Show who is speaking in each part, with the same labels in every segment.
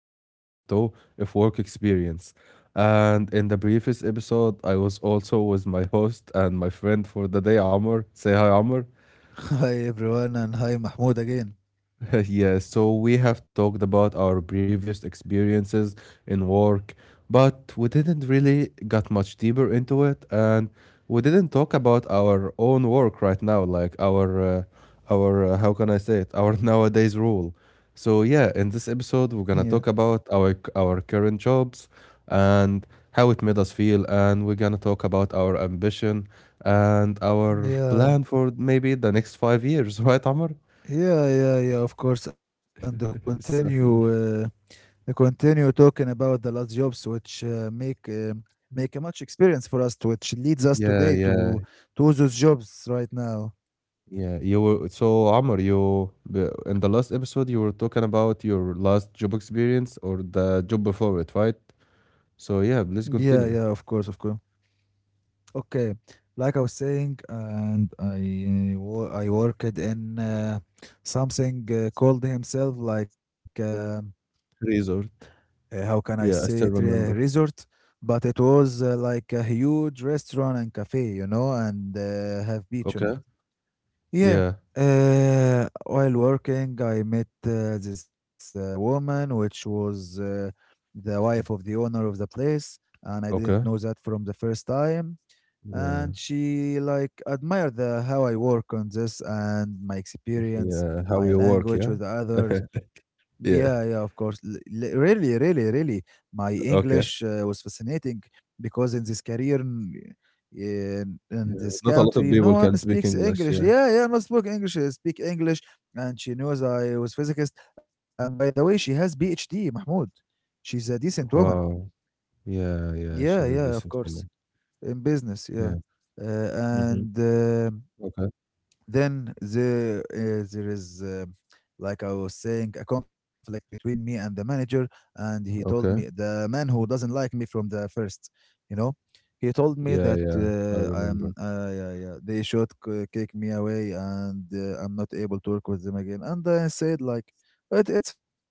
Speaker 1: is episode two of Work Experience. And in the previous episode, I was also with my host and my friend for the day, Amr. Say hi, Amr.
Speaker 2: Hi everyone, and hi Mahmoud
Speaker 1: Yes,
Speaker 2: again.
Speaker 1: so we have talked about our previous experiences in work, but we didn't really got much deeper into it, and we didn't talk about our own work right now, like our how can I say it, our nowadays rule. So yeah, in this episode, we're gonna talk
Speaker 2: Yeah,
Speaker 1: about our current jobs and how it made us feel, and we're gonna talk about our ambition and our plan for
Speaker 2: yeah,
Speaker 1: maybe the next 5 years, right, Amr?
Speaker 2: yeah, yeah, yeah. Of course. And to
Speaker 1: So, yeah.
Speaker 2: continue, uh, to continue talking about the last jobs, which make a much experience for us, which leads us
Speaker 1: Yeah,
Speaker 2: today
Speaker 1: yeah,
Speaker 2: to those jobs right now.
Speaker 1: yeah. You were so Amr, in the last episode you were talking about your last job experience or the job before it, right? So yeah, please
Speaker 2: Yeah, yeah, of
Speaker 1: continue.
Speaker 2: course, of course. Okay, like I was saying, and I worked in something called himself, like.
Speaker 1: Resort.
Speaker 2: How can I say
Speaker 1: Yeah, I
Speaker 2: it?
Speaker 1: still
Speaker 2: re-
Speaker 1: remember.
Speaker 2: resort, but it was like a huge restaurant and cafe, and have beach on
Speaker 1: Okay.
Speaker 2: it. Yeah.
Speaker 1: Yeah.
Speaker 2: While working, I met this woman, which was the wife of the owner of the place, and I didn't
Speaker 1: Okay.
Speaker 2: know that from the first time.
Speaker 1: Yeah.
Speaker 2: And she like admired the how I work on this and my experience,
Speaker 1: Yeah. How you
Speaker 2: my
Speaker 1: work, yeah?
Speaker 2: language with others.
Speaker 1: Yeah.
Speaker 2: Yeah, yeah, of course. Really, really, really, my
Speaker 1: Okay.
Speaker 2: English was fascinating, because in this career, in
Speaker 1: Yeah.
Speaker 2: this
Speaker 1: Not a lot of
Speaker 2: country, no
Speaker 1: people
Speaker 2: one
Speaker 1: can speak
Speaker 2: speaks
Speaker 1: English,
Speaker 2: English.
Speaker 1: yeah.
Speaker 2: Yeah, yeah, not speak English. I speak English, and she knows I was physicist. And by the way, she has PhD, Mahmoud. She's a decent woman.
Speaker 1: Wow. Yeah, yeah,
Speaker 2: Yeah,
Speaker 1: she's a
Speaker 2: yeah, of
Speaker 1: decent
Speaker 2: course,
Speaker 1: woman.
Speaker 2: in business, yeah.
Speaker 1: Yeah.
Speaker 2: uh,
Speaker 1: Mm-hmm.
Speaker 2: and
Speaker 1: Okay.
Speaker 2: then there is, like I was saying, a conflict between me and the manager, and he told me,
Speaker 1: Okay.
Speaker 2: the man who doesn't like me from the first, you know. He told me
Speaker 1: Yeah,
Speaker 2: that
Speaker 1: yeah. I remember.
Speaker 2: yeah, yeah, they should kick me away, and I'm not able to work with them again. And I said, like, it's okay,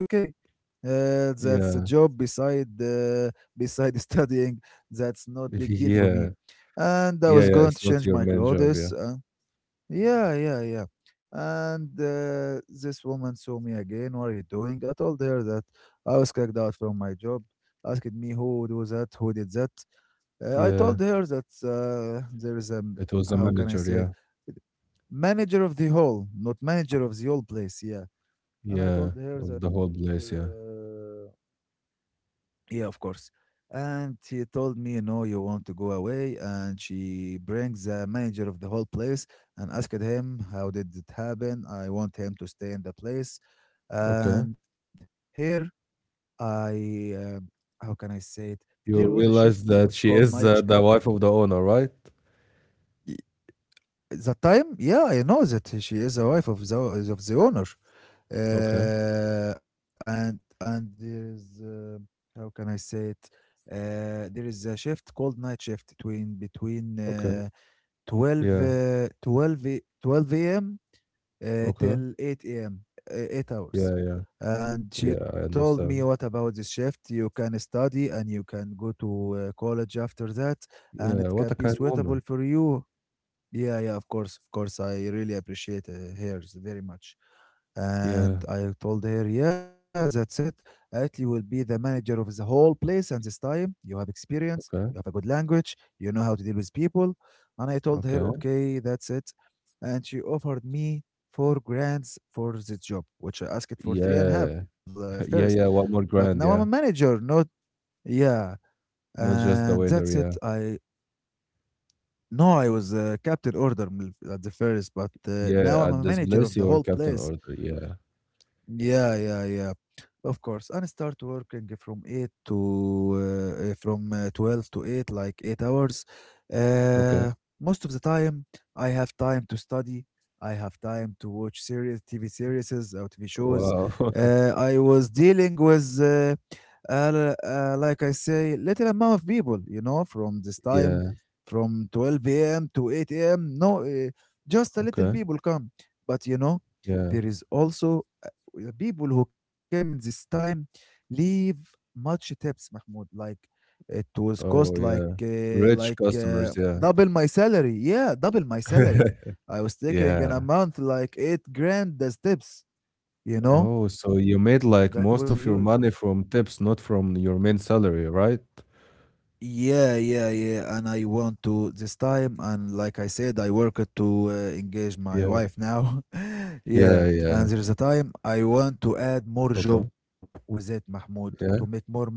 Speaker 2: that's a job
Speaker 1: Yeah.
Speaker 2: beside, studying. That's not big deal for me,
Speaker 1: Yeah.
Speaker 2: and I
Speaker 1: Yeah,
Speaker 2: was
Speaker 1: yeah,
Speaker 2: going to
Speaker 1: it's not
Speaker 2: change
Speaker 1: your
Speaker 2: my
Speaker 1: main job, yeah.
Speaker 2: clothes, yeah, yeah, yeah. And this woman saw me again. What are you doing? I told her that I was kicked out from my job. Asked me who do that, who did that. I
Speaker 1: Yeah,
Speaker 2: told her that there is a,
Speaker 1: it was a
Speaker 2: how can I
Speaker 1: manager,
Speaker 2: say it,
Speaker 1: yeah.
Speaker 2: manager of the hall, not manager of the whole place. Yeah, and I
Speaker 1: Yeah,
Speaker 2: told her
Speaker 1: of
Speaker 2: that
Speaker 1: the whole place, yeah.
Speaker 2: yeah, of course. And she told me, no, you want to go away. And she brings the manager of the whole place and asked him, how did it happen? I want him to stay in the place.
Speaker 1: Okay.
Speaker 2: And here, I, um, how can I say it? There was
Speaker 1: You
Speaker 2: a shift
Speaker 1: realize
Speaker 2: which
Speaker 1: that she
Speaker 2: called
Speaker 1: is
Speaker 2: night.
Speaker 1: the wife of the owner, right?
Speaker 2: The time? Yeah, I know that she is the wife of the owner.
Speaker 1: Okay,
Speaker 2: And there is, how can I say it? There is a shift called night shift between
Speaker 1: okay.
Speaker 2: 12,
Speaker 1: Yeah,
Speaker 2: 12 a.m.
Speaker 1: okay.
Speaker 2: Till 8 a.m., 8 hours.
Speaker 1: Yeah, yeah.
Speaker 2: And she
Speaker 1: Yeah, I
Speaker 2: told me, what
Speaker 1: understand.
Speaker 2: about this shift? You can study, and you can go to college after that, and
Speaker 1: Yeah,
Speaker 2: it
Speaker 1: what
Speaker 2: can
Speaker 1: a
Speaker 2: be
Speaker 1: kind
Speaker 2: suitable
Speaker 1: woman.
Speaker 2: for you. Yeah, yeah, of course, of course. I really appreciate hers very much.
Speaker 1: Yeah,
Speaker 2: And I told her, yeah, that's it. Atli will be the manager of the whole place. And this time, you have experience, you have
Speaker 1: okay,
Speaker 2: a good language, you know how to deal with people. And I told her,
Speaker 1: okay.
Speaker 2: okay, that's it. And she offered me four grants for the job, which I asked for three and a half,
Speaker 1: Yeah.
Speaker 2: first.
Speaker 1: Yeah, yeah, one
Speaker 2: But
Speaker 1: more
Speaker 2: now I'm a
Speaker 1: grand, yeah.
Speaker 2: manager, not, yeah.
Speaker 1: Not just
Speaker 2: And
Speaker 1: the
Speaker 2: that's
Speaker 1: waiter,
Speaker 2: it.
Speaker 1: yeah.
Speaker 2: I no, I was a captain order, at the first, but now
Speaker 1: Yeah,
Speaker 2: I'm
Speaker 1: at
Speaker 2: a
Speaker 1: this
Speaker 2: manager of
Speaker 1: place,
Speaker 2: the
Speaker 1: your
Speaker 2: whole
Speaker 1: captain
Speaker 2: place.
Speaker 1: order, yeah.
Speaker 2: Yeah, yeah, yeah. Of course. And start working from 8 to from 12 to 8, like 8 hours.
Speaker 1: Okay.
Speaker 2: Uh, most of the time, I have time to study. I have time to watch series, TV series or TV shows.
Speaker 1: Wow.
Speaker 2: I was dealing with, like I say, little amount of people, from this time,
Speaker 1: Yeah,
Speaker 2: from 12 a.m. to 8 a.m. No, just a little
Speaker 1: okay.
Speaker 2: people come. But,
Speaker 1: Yeah.
Speaker 2: there is also the people who came in this time leave much tips, Mahmoud. Like it was cost
Speaker 1: Oh,
Speaker 2: like
Speaker 1: yeah.
Speaker 2: uh,
Speaker 1: Rich
Speaker 2: like
Speaker 1: customers,
Speaker 2: uh,
Speaker 1: yeah.
Speaker 2: double my salary. Yeah, double my salary. I was taking an
Speaker 1: Yeah.
Speaker 2: amount like 8 grand as tips. You know
Speaker 1: Oh, so you made,
Speaker 2: that was
Speaker 1: like, most
Speaker 2: huge.
Speaker 1: of your money from tips, not from your main salary, right?
Speaker 2: Yeah, yeah, yeah. And I want to this time, and like I said, I work it to engage my
Speaker 1: Yeah.
Speaker 2: wife now. Yeah,
Speaker 1: Yeah, yeah.
Speaker 2: and there's a time I want to add more
Speaker 1: Okay.
Speaker 2: job with it, Mahmoud, to make
Speaker 1: Yeah.
Speaker 2: more money,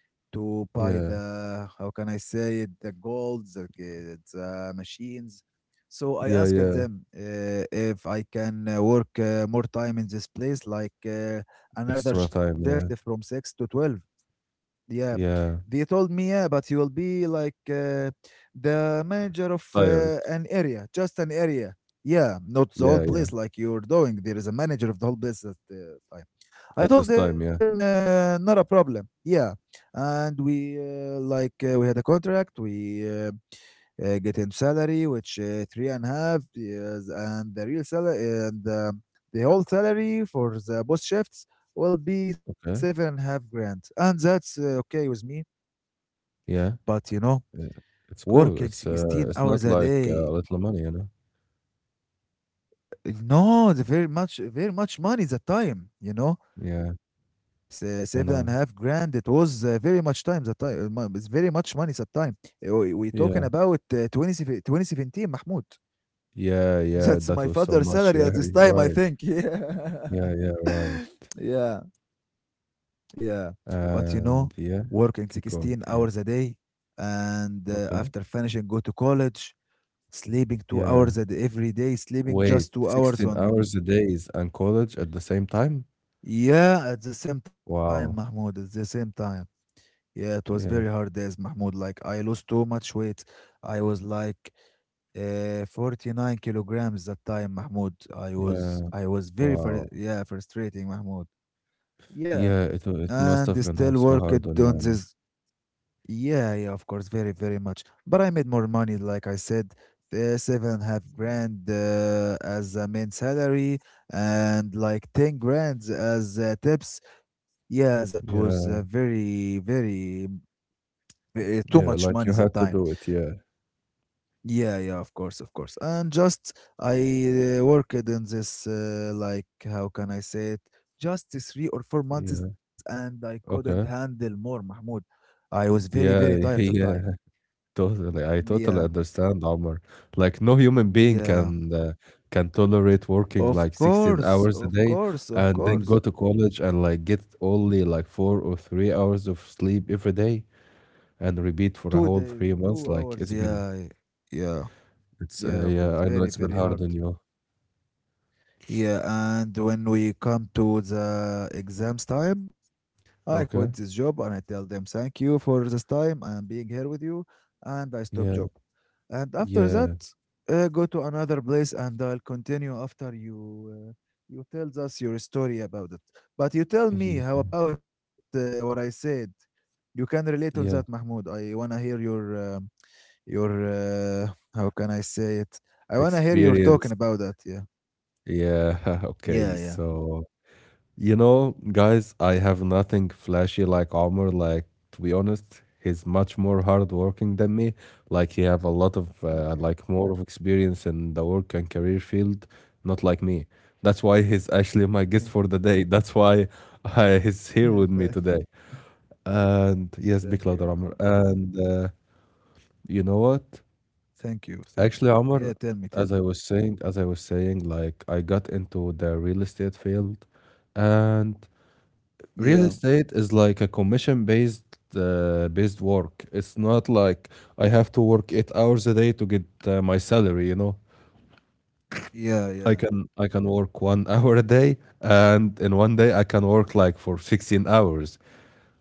Speaker 2: to buy
Speaker 1: Yeah.
Speaker 2: the, how can I say it, the golds, okay, the machines. So I
Speaker 1: Yeah,
Speaker 2: asked
Speaker 1: yeah.
Speaker 2: them if I can work more time in this place, like, another
Speaker 1: Extra
Speaker 2: shift
Speaker 1: time, yeah.
Speaker 2: from 6 to 12. Yeah, they
Speaker 1: Yeah.
Speaker 2: told me, yeah, but you will be like, the manager of
Speaker 1: Tired.
Speaker 2: an area, just an area. Yeah, not the whole
Speaker 1: Yeah, yeah.
Speaker 2: place like you're doing. There is a manager of the whole place at the time. I
Speaker 1: At
Speaker 2: told
Speaker 1: this
Speaker 2: them
Speaker 1: time, yeah.
Speaker 2: not a problem. Yeah, and we had a contract. We get him salary, which three and a half, yes, and the real salary, and the whole salary for the both shifts will be seven and
Speaker 1: Okay.
Speaker 2: a half grand, and that's okay with me.
Speaker 1: Yeah.
Speaker 2: But you know,
Speaker 1: Yeah. It's cool.
Speaker 2: working
Speaker 1: It's, uh,
Speaker 2: sixteen
Speaker 1: it's
Speaker 2: hours
Speaker 1: not
Speaker 2: a
Speaker 1: like,
Speaker 2: day,
Speaker 1: little money, you know?
Speaker 2: no, it's very much, very much money. The time, you know
Speaker 1: Yeah, I
Speaker 2: seven
Speaker 1: know.
Speaker 2: and a half grand. It was very much time that time. It's very much money that time. We
Speaker 1: Yeah.
Speaker 2: talking about 2017, Mahmoud.
Speaker 1: Yeah, yeah.
Speaker 2: That's
Speaker 1: That
Speaker 2: my
Speaker 1: was so
Speaker 2: father's
Speaker 1: much.
Speaker 2: salary
Speaker 1: Yeah,
Speaker 2: at this
Speaker 1: you're
Speaker 2: time, I
Speaker 1: right.
Speaker 2: think.
Speaker 1: Yeah,
Speaker 2: Yeah.
Speaker 1: yeah, right.
Speaker 2: Yeah. Yeah. But you know,
Speaker 1: And yeah,
Speaker 2: working
Speaker 1: keep
Speaker 2: 16
Speaker 1: going.
Speaker 2: hours a
Speaker 1: Yeah.
Speaker 2: day, and
Speaker 1: Okay.
Speaker 2: after finishing, go to college, sleeping two
Speaker 1: Yeah.
Speaker 2: hours at every day, sleeping
Speaker 1: Wait,
Speaker 2: just 2 hours
Speaker 1: 16
Speaker 2: on.
Speaker 1: hours a day is and college at the same time?
Speaker 2: Yeah, at the same time,
Speaker 1: Wow.
Speaker 2: Mahmoud, at the same time. Yeah, it was very
Speaker 1: Yeah.
Speaker 2: hard days, Mahmoud. Like I lost too much weight. I was like 49 kilograms that time, Mahmoud. I
Speaker 1: Yeah.
Speaker 2: was I was very
Speaker 1: Wow.
Speaker 2: yeah, frustrating, Mahmoud.
Speaker 1: Yeah,
Speaker 2: Yeah,
Speaker 1: it must
Speaker 2: and
Speaker 1: have been
Speaker 2: still
Speaker 1: so
Speaker 2: worked
Speaker 1: hard on you,
Speaker 2: on
Speaker 1: Amr.
Speaker 2: this. Yeah, yeah, of course, very, very much. But I made more money, like I said, seven and a half grand as a main salary, and like 10 grand as tips. Yeah, that was
Speaker 1: Yeah.
Speaker 2: very, very. Too much
Speaker 1: Yeah,
Speaker 2: money
Speaker 1: like you
Speaker 2: that
Speaker 1: had to
Speaker 2: time.
Speaker 1: do it. Yeah.
Speaker 2: Yeah, yeah, of course, of course. And just I worked in this, like, how can I say it? Just 3 or 4 months,
Speaker 1: Yeah.
Speaker 2: and I couldn't
Speaker 1: Okay.
Speaker 2: handle more, Mahmoud. I was very, very
Speaker 1: Yeah.
Speaker 2: tired that time.
Speaker 1: Yeah. Totally, I totally
Speaker 2: Yeah,
Speaker 1: understand, Omar. Like no human being
Speaker 2: yeah,
Speaker 1: can tolerate working
Speaker 2: of
Speaker 1: like 16
Speaker 2: course,
Speaker 1: hours a
Speaker 2: of
Speaker 1: day
Speaker 2: course, of
Speaker 1: and then go
Speaker 2: course.
Speaker 1: to college and like get only like 4 or 3 hours of sleep every day and repeat
Speaker 2: Two
Speaker 1: for a whole
Speaker 2: days,
Speaker 1: three
Speaker 2: two
Speaker 1: months. Like
Speaker 2: hours.
Speaker 1: it's been,
Speaker 2: Yeah, yeah,
Speaker 1: it's
Speaker 2: yeah. It
Speaker 1: yeah,
Speaker 2: was
Speaker 1: I know
Speaker 2: very,
Speaker 1: it's been
Speaker 2: very
Speaker 1: hard
Speaker 2: hard.
Speaker 1: on you.
Speaker 2: Yeah, and when we come to the exams time, I quit this
Speaker 1: Okay.
Speaker 2: job and I tell them thank you for this time and being here with you, and I stop job.
Speaker 1: Yeah.
Speaker 2: And after that,
Speaker 1: Yeah.
Speaker 2: go to another place, and I'll continue after you. You tell us your story about it, but you tell me how about what I said. You can relate on that,
Speaker 1: Yeah. Yeah.
Speaker 2: Mahmoud. I wanna hear your uh, how can I say it? I wanna hear your talking
Speaker 1: Experience.
Speaker 2: about that. Yeah,
Speaker 1: Yeah. Okay.
Speaker 2: yeah, yeah.
Speaker 1: So, you know, guys, I have nothing flashy like Omar. Like, to be honest, he's much more hardworking than me. Like he have a lot of
Speaker 2: Thank you.
Speaker 1: like more of experience in the work and career field, not like me. That's why he's actually my
Speaker 2: Yeah.
Speaker 1: guest for the day. That's why
Speaker 2: Yeah.
Speaker 1: he's
Speaker 2: Thank.
Speaker 1: here with me today. And
Speaker 2: Thank you,
Speaker 1: yes, big
Speaker 2: Muhammad.
Speaker 1: louder, Omar. And you know what?
Speaker 2: Thank you. Thank
Speaker 1: Actually,
Speaker 2: you. Yeah.
Speaker 1: Omar,
Speaker 2: Tell me. Tell
Speaker 1: as
Speaker 2: me.
Speaker 1: I was saying, as I was saying, like I got into the real estate field, and
Speaker 2: Yeah.
Speaker 1: real estate is like a commission based work. It's not like I have to work 8 hours a day to get my salary. You know,
Speaker 2: Yeah.
Speaker 1: I
Speaker 2: Yeah.
Speaker 1: can I can work 1 hour a day, and in one day I can work like for 16 hours,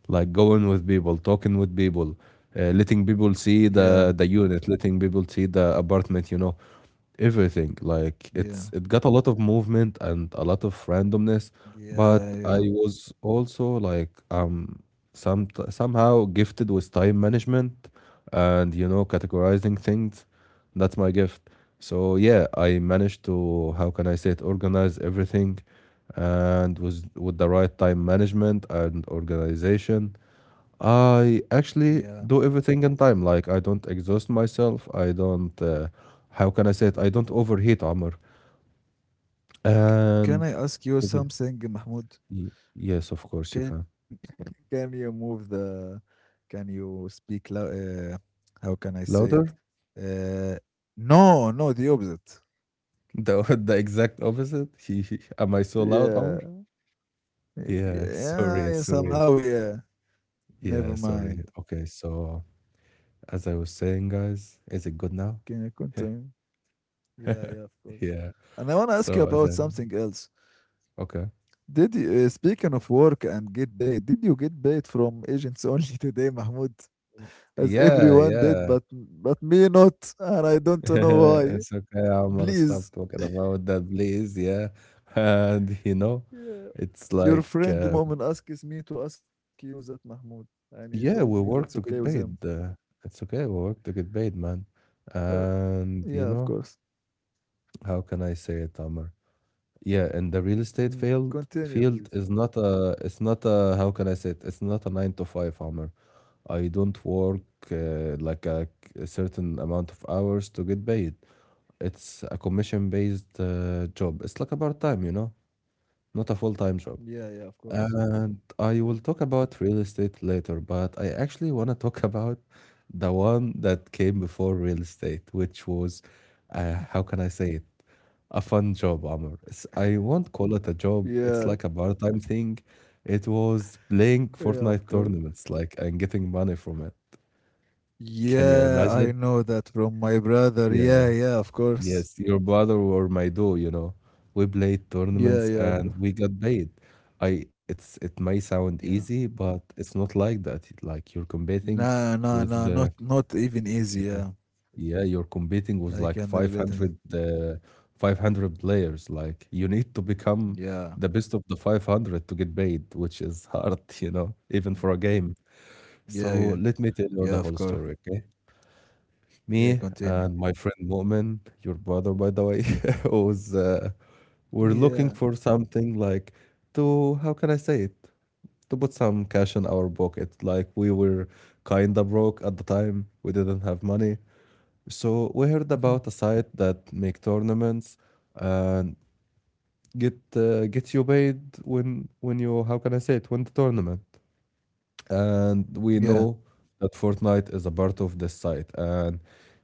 Speaker 1: like going with people, talking with people, letting people see
Speaker 2: Yeah.
Speaker 1: the unit, letting people see the apartment, everything. Like
Speaker 2: Yeah.
Speaker 1: it got a lot of movement and a lot of randomness,
Speaker 2: Yeah.
Speaker 1: but I
Speaker 2: Yeah.
Speaker 1: was also like, somehow gifted with time management and categorizing things. That's my gift. So yeah, I managed to, how can I say it, organize everything, and with the right time management and organization, I actually
Speaker 2: Yeah.
Speaker 1: do everything in time. Like I don't exhaust myself, I don't, how can I say it, I don't overheat, Amr.
Speaker 2: Can I
Speaker 1: And
Speaker 2: ask you
Speaker 1: to be
Speaker 2: something, Mahmoud?
Speaker 1: yes, of course you
Speaker 2: Can
Speaker 1: can.
Speaker 2: can you move the? Can you speak? How can I say it?
Speaker 1: Louder?
Speaker 2: Uh, no. No. The opposite.
Speaker 1: The exact opposite. Am I so loud,
Speaker 2: Yeah.
Speaker 1: Amr? Yeah,
Speaker 2: Yeah.
Speaker 1: sorry sorry
Speaker 2: Somehow. Yeah.
Speaker 1: Yeah,
Speaker 2: Never
Speaker 1: sorry.
Speaker 2: mind.
Speaker 1: Okay, so as I was saying, guys, is it good now?
Speaker 2: Can you continue? Yeah, yeah, of course.
Speaker 1: Yeah,
Speaker 2: And I want to ask you
Speaker 1: so as
Speaker 2: about
Speaker 1: I
Speaker 2: something else.
Speaker 1: okay.
Speaker 2: Did you, speaking of work and get paid, did you get paid from agents only today, Mahmoud? As
Speaker 1: Yeah,
Speaker 2: everyone did,
Speaker 1: yeah.
Speaker 2: but me not, and I don't know why.
Speaker 1: It's okay, عمر, stop
Speaker 2: Please,
Speaker 1: talking about that, please, yeah. And you know,
Speaker 2: yeah.
Speaker 1: it's
Speaker 2: Your
Speaker 1: like,
Speaker 2: friend the moment asks me to ask you that, Mahmoud, and he told me
Speaker 1: yeah, we
Speaker 2: that's okay
Speaker 1: work to
Speaker 2: with
Speaker 1: get
Speaker 2: him.
Speaker 1: paid. It's okay, we work to get paid, man.
Speaker 2: Uh,
Speaker 1: And,
Speaker 2: yeah,
Speaker 1: you
Speaker 2: of
Speaker 1: know,
Speaker 2: course.
Speaker 1: how can I say it, Amr? Yeah, and the real estate
Speaker 2: Mhm.
Speaker 1: field
Speaker 2: Continue,
Speaker 1: field
Speaker 2: please.
Speaker 1: is not a, how can I say it? It's not a 9 to 5, Amr. I don't work like a certain amount of hours to get paid. It's a commission-based job. It's like a part-time, you know, not a full-time job.
Speaker 2: Yeah, yeah, of course.
Speaker 1: And
Speaker 2: Yeah,
Speaker 1: I will talk about real estate later, but I actually want to talk about the one that came before real estate, which was, how can I say it? A fun job, Amr. It's, I won't call it a job. It's
Speaker 2: yeah,
Speaker 1: like a part-time thing. It was
Speaker 2: yeah,
Speaker 1: playing
Speaker 2: of course.
Speaker 1: Fortnite tournaments, like, and getting money from it. Can you
Speaker 2: Yeah, I
Speaker 1: imagine?
Speaker 2: know that from my brother. Yeah,
Speaker 1: Yeah.
Speaker 2: yeah, of course.
Speaker 1: Yes, your brother or my do, you know. We played
Speaker 2: Yeah,
Speaker 1: tournaments
Speaker 2: yeah, of course.
Speaker 1: and we got paid. I it's it may
Speaker 2: Yeah.
Speaker 1: sound easy, but it's not like that. Like you're
Speaker 2: Nah,
Speaker 1: competing
Speaker 2: nah, nah,
Speaker 1: with
Speaker 2: not
Speaker 1: the,
Speaker 2: not even easy,
Speaker 1: yeah,
Speaker 2: yeah.
Speaker 1: yeah, you're competing with
Speaker 2: I
Speaker 1: like
Speaker 2: can relate to that.
Speaker 1: 500, 500 players. Like you need to become
Speaker 2: Yeah.
Speaker 1: the best of the 500 to get paid, which is hard, you know,
Speaker 2: Mm,
Speaker 1: even for a game.
Speaker 2: Yeah, yeah.
Speaker 1: So let me tell
Speaker 2: Yeah,
Speaker 1: you
Speaker 2: of
Speaker 1: the whole
Speaker 2: course.
Speaker 1: story, okay?
Speaker 2: Yeah,
Speaker 1: Me
Speaker 2: continue.
Speaker 1: and my friend Mu'min, your brother, by the way, was we're looking
Speaker 2: Yeah.
Speaker 1: for something like, to, how can I say it, to put some cash in our pocket. Like we were kinda broke at the time. We didn't have money. So we heard
Speaker 2: Mhm,
Speaker 1: about a site that make tournaments and get you paid when you, how can I say it, win the tournament. And we
Speaker 2: Yeah.
Speaker 1: know that Fortnite is a part of this site. And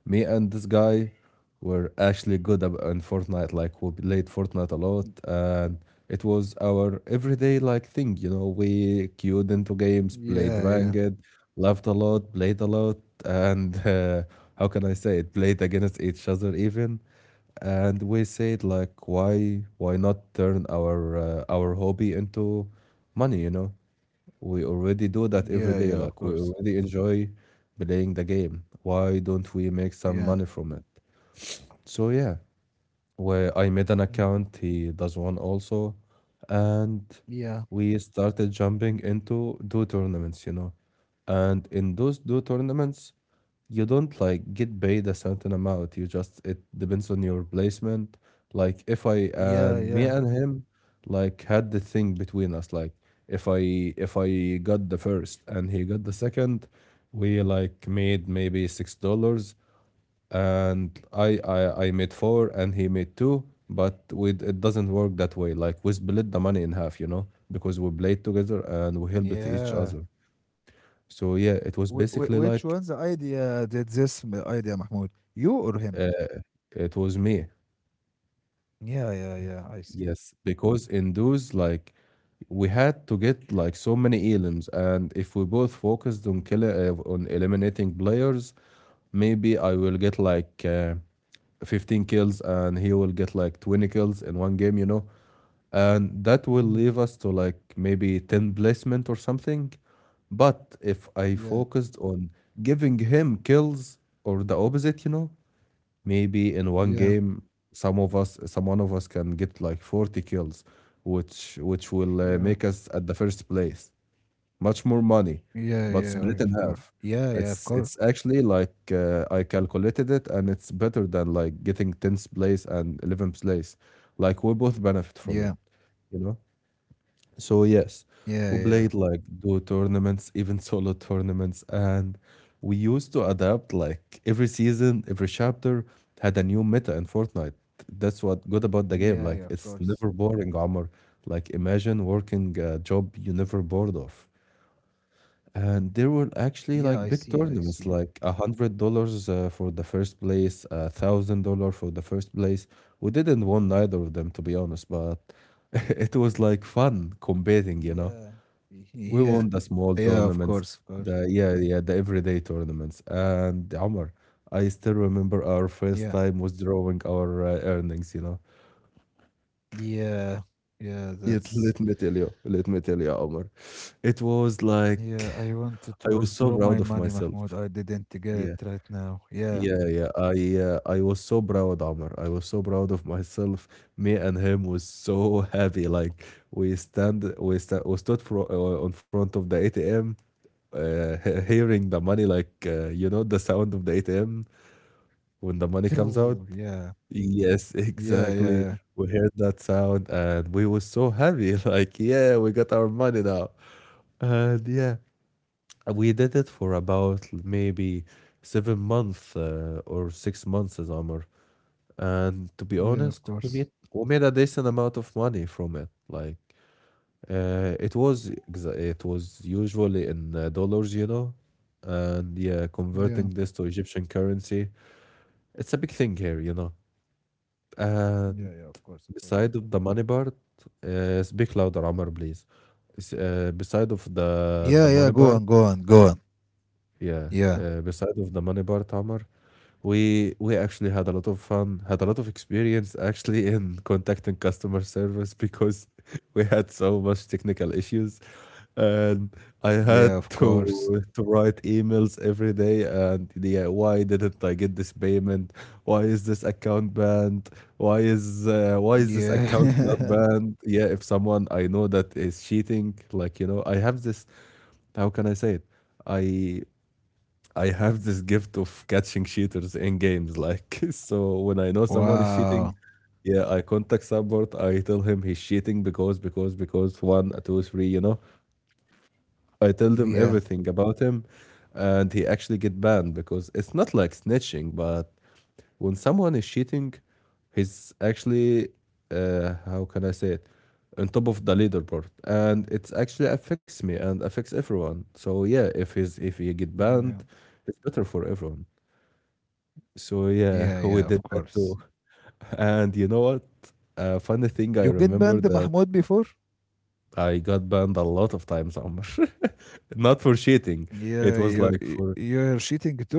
Speaker 1: me and this guy were actually good in Fortnite. Like we played Fortnite a lot, and it was our everyday like thing. You know, we queued into games,
Speaker 2: Yeah,
Speaker 1: played
Speaker 2: yeah.
Speaker 1: ranked, laughed a lot, played a lot, and how can I say it, played against each other even. And we said like, why not turn our hobby into money? You know, we already do that
Speaker 2: Yeah,
Speaker 1: every
Speaker 2: yeah,
Speaker 1: day.
Speaker 2: of
Speaker 1: Like, we
Speaker 2: course.
Speaker 1: already enjoy playing the game. Why don't we make some money
Speaker 2: Yeah.
Speaker 1: from it? So, yeah, where I made an
Speaker 2: Mm,
Speaker 1: account, he does one also, and
Speaker 2: Yeah.
Speaker 1: we started jumping into do tournaments, you know. And in those do tournaments, you don't like get paid a certain amount. You just, it depends on your placement. Like if I
Speaker 2: Yeah,
Speaker 1: and me and
Speaker 2: yeah.
Speaker 1: him like had the thing between us, like if I if I got the first and he got the second, we like made maybe $6, and I made four and he made two, but with, it doesn't work that way. Like we split the money in half, you know, because we played together and we helped each
Speaker 2: Yeah.
Speaker 1: other. So yeah, it was
Speaker 2: Which
Speaker 1: basically
Speaker 2: one's
Speaker 1: like,
Speaker 2: idea did this idea, Mahmoud? You or him?
Speaker 1: uh, it was me.
Speaker 2: Yeah, yeah, yeah. I see.
Speaker 1: Yes, because in those, like, we had to get like so many elims, and if we both focused on kill on eliminating players, maybe I will get like, 15 kills and he will get like 20 kills in one game, you know, and that will leave
Speaker 2: Mhm.
Speaker 1: us to like maybe 10 placement or something. But if I
Speaker 2: Yeah,
Speaker 1: focused on giving him kills, or the opposite, you know, maybe in one
Speaker 2: yeah,
Speaker 1: game some of us some one of us can get like 40 kills, which will make
Speaker 2: yeah,
Speaker 1: us at the first place, much more money,
Speaker 2: yeah, oh,
Speaker 1: but
Speaker 2: yeah, okay,
Speaker 1: split
Speaker 2: of
Speaker 1: in
Speaker 2: course.
Speaker 1: half.
Speaker 2: Yeah, yeah, of
Speaker 1: It's
Speaker 2: course.
Speaker 1: it's actually like, I calculated it, and it's better than like getting 10th place and 11th place. Like we both benefit from it,
Speaker 2: Yeah,
Speaker 1: you know? So yes, we
Speaker 2: yeah,
Speaker 1: played
Speaker 2: yeah,
Speaker 1: like duo tournaments, even solo tournaments, and we used to adapt like every season. Every chapter had a new meta in Fortnite. That's what good about the game. Like,
Speaker 2: yeah, yeah,
Speaker 1: it's
Speaker 2: of
Speaker 1: never
Speaker 2: course.
Speaker 1: boring, Omar. Like, imagine working a job you never bored of. And there were actually
Speaker 2: Yeah, I
Speaker 1: like big
Speaker 2: see, I see.
Speaker 1: tournaments, like $100 for the first place, $1,000 for the first place. We didn't win neither of them, to be honest, but it was like fun competing, you know.
Speaker 2: Yeah,
Speaker 1: We won the
Speaker 2: yeah,
Speaker 1: small
Speaker 2: yeah, of course,
Speaker 1: tournaments,
Speaker 2: of course.
Speaker 1: the yeah, yeah, the everyday tournaments. And Omar, I still remember our first
Speaker 2: Yeah,
Speaker 1: time was drawing our earnings.
Speaker 2: yeah, yeah,
Speaker 1: It— let me
Speaker 2: that's.
Speaker 1: tell you, let me tell you, Omar, it was
Speaker 2: Yeah,
Speaker 1: like
Speaker 2: I wanted
Speaker 1: I
Speaker 2: to
Speaker 1: was so
Speaker 2: withdraw
Speaker 1: proud
Speaker 2: my
Speaker 1: of
Speaker 2: money,
Speaker 1: myself.
Speaker 2: Mahmoud. I didn't get
Speaker 1: Yeah.
Speaker 2: it right now.
Speaker 1: Yeah,
Speaker 2: Yeah.
Speaker 1: yeah. I was so proud, Amr. I was so proud of myself. Me and him was so happy. Like we stand, we sta we stood fro on front of the ATM, hearing the money, like the sound of the ATM when the money comes out.
Speaker 2: Grrr. Yeah,
Speaker 1: Yes,
Speaker 2: yeah,
Speaker 1: exactly.
Speaker 2: yeah,
Speaker 1: We
Speaker 2: yeah,
Speaker 1: heard that sound, and we was so happy. Like yeah, we got our money now. And yeah, we did it for about maybe 7 months or 6 months, Amr. And to be honest,
Speaker 2: yeah, of
Speaker 1: we made
Speaker 2: course.
Speaker 1: we made a decent amount of money from it. Like it was it was usually in dollars, you know. And yeah, converting
Speaker 2: Yeah,
Speaker 1: this to Egyptian currency, it's a big thing here, you know. And
Speaker 2: yeah, yeah, of course,
Speaker 1: beside
Speaker 2: of
Speaker 1: of
Speaker 2: course.
Speaker 1: the money part, speak louder, Amr, please. It's— uh, beside of the
Speaker 2: Yeah,
Speaker 1: money
Speaker 2: yeah, go
Speaker 1: part,
Speaker 2: on, go on, go on.
Speaker 1: yeah.
Speaker 2: Yeah.
Speaker 1: Beside of the money part, Amr, we actually had a lot of fun, had a lot of experience actually in contacting customer service because we had so much technical issues, and I had
Speaker 2: Yeah, of
Speaker 1: to
Speaker 2: course.
Speaker 1: to write emails every day. And yeah, why didn't I get this payment? Why is this account banned? Why is this account not
Speaker 2: Yeah.
Speaker 1: banned? Yeah, if someone I know that is cheating, like you know, I have this— how can I say it? I I have this gift of catching cheaters in games. Like, so when I know someone is cheating,
Speaker 2: Wow.
Speaker 1: yeah, I contact support. I tell him he's cheating because one, two, three, you know. I tell them
Speaker 2: Yeah.
Speaker 1: everything about him, and he actually get banned because it's not like snitching. But when someone is cheating, he's actually, how can I say it, on top of the leaderboard, and it's actually affects me and affects everyone. So yeah, if he's— if he get
Speaker 2: Yeah.
Speaker 1: banned, it's better for everyone. So
Speaker 2: Yeah,
Speaker 1: yeah,
Speaker 2: yeah,
Speaker 1: we
Speaker 2: of
Speaker 1: did that
Speaker 2: course.
Speaker 1: too. And you know what? A funny thing I
Speaker 2: You get
Speaker 1: remember
Speaker 2: banned
Speaker 1: that
Speaker 2: Mahmoud before?
Speaker 1: I got banned a lot of times, Amr. Not for cheating.
Speaker 2: Yeah,
Speaker 1: It
Speaker 2: you
Speaker 1: was
Speaker 2: y-
Speaker 1: like for—
Speaker 2: you're cheating too?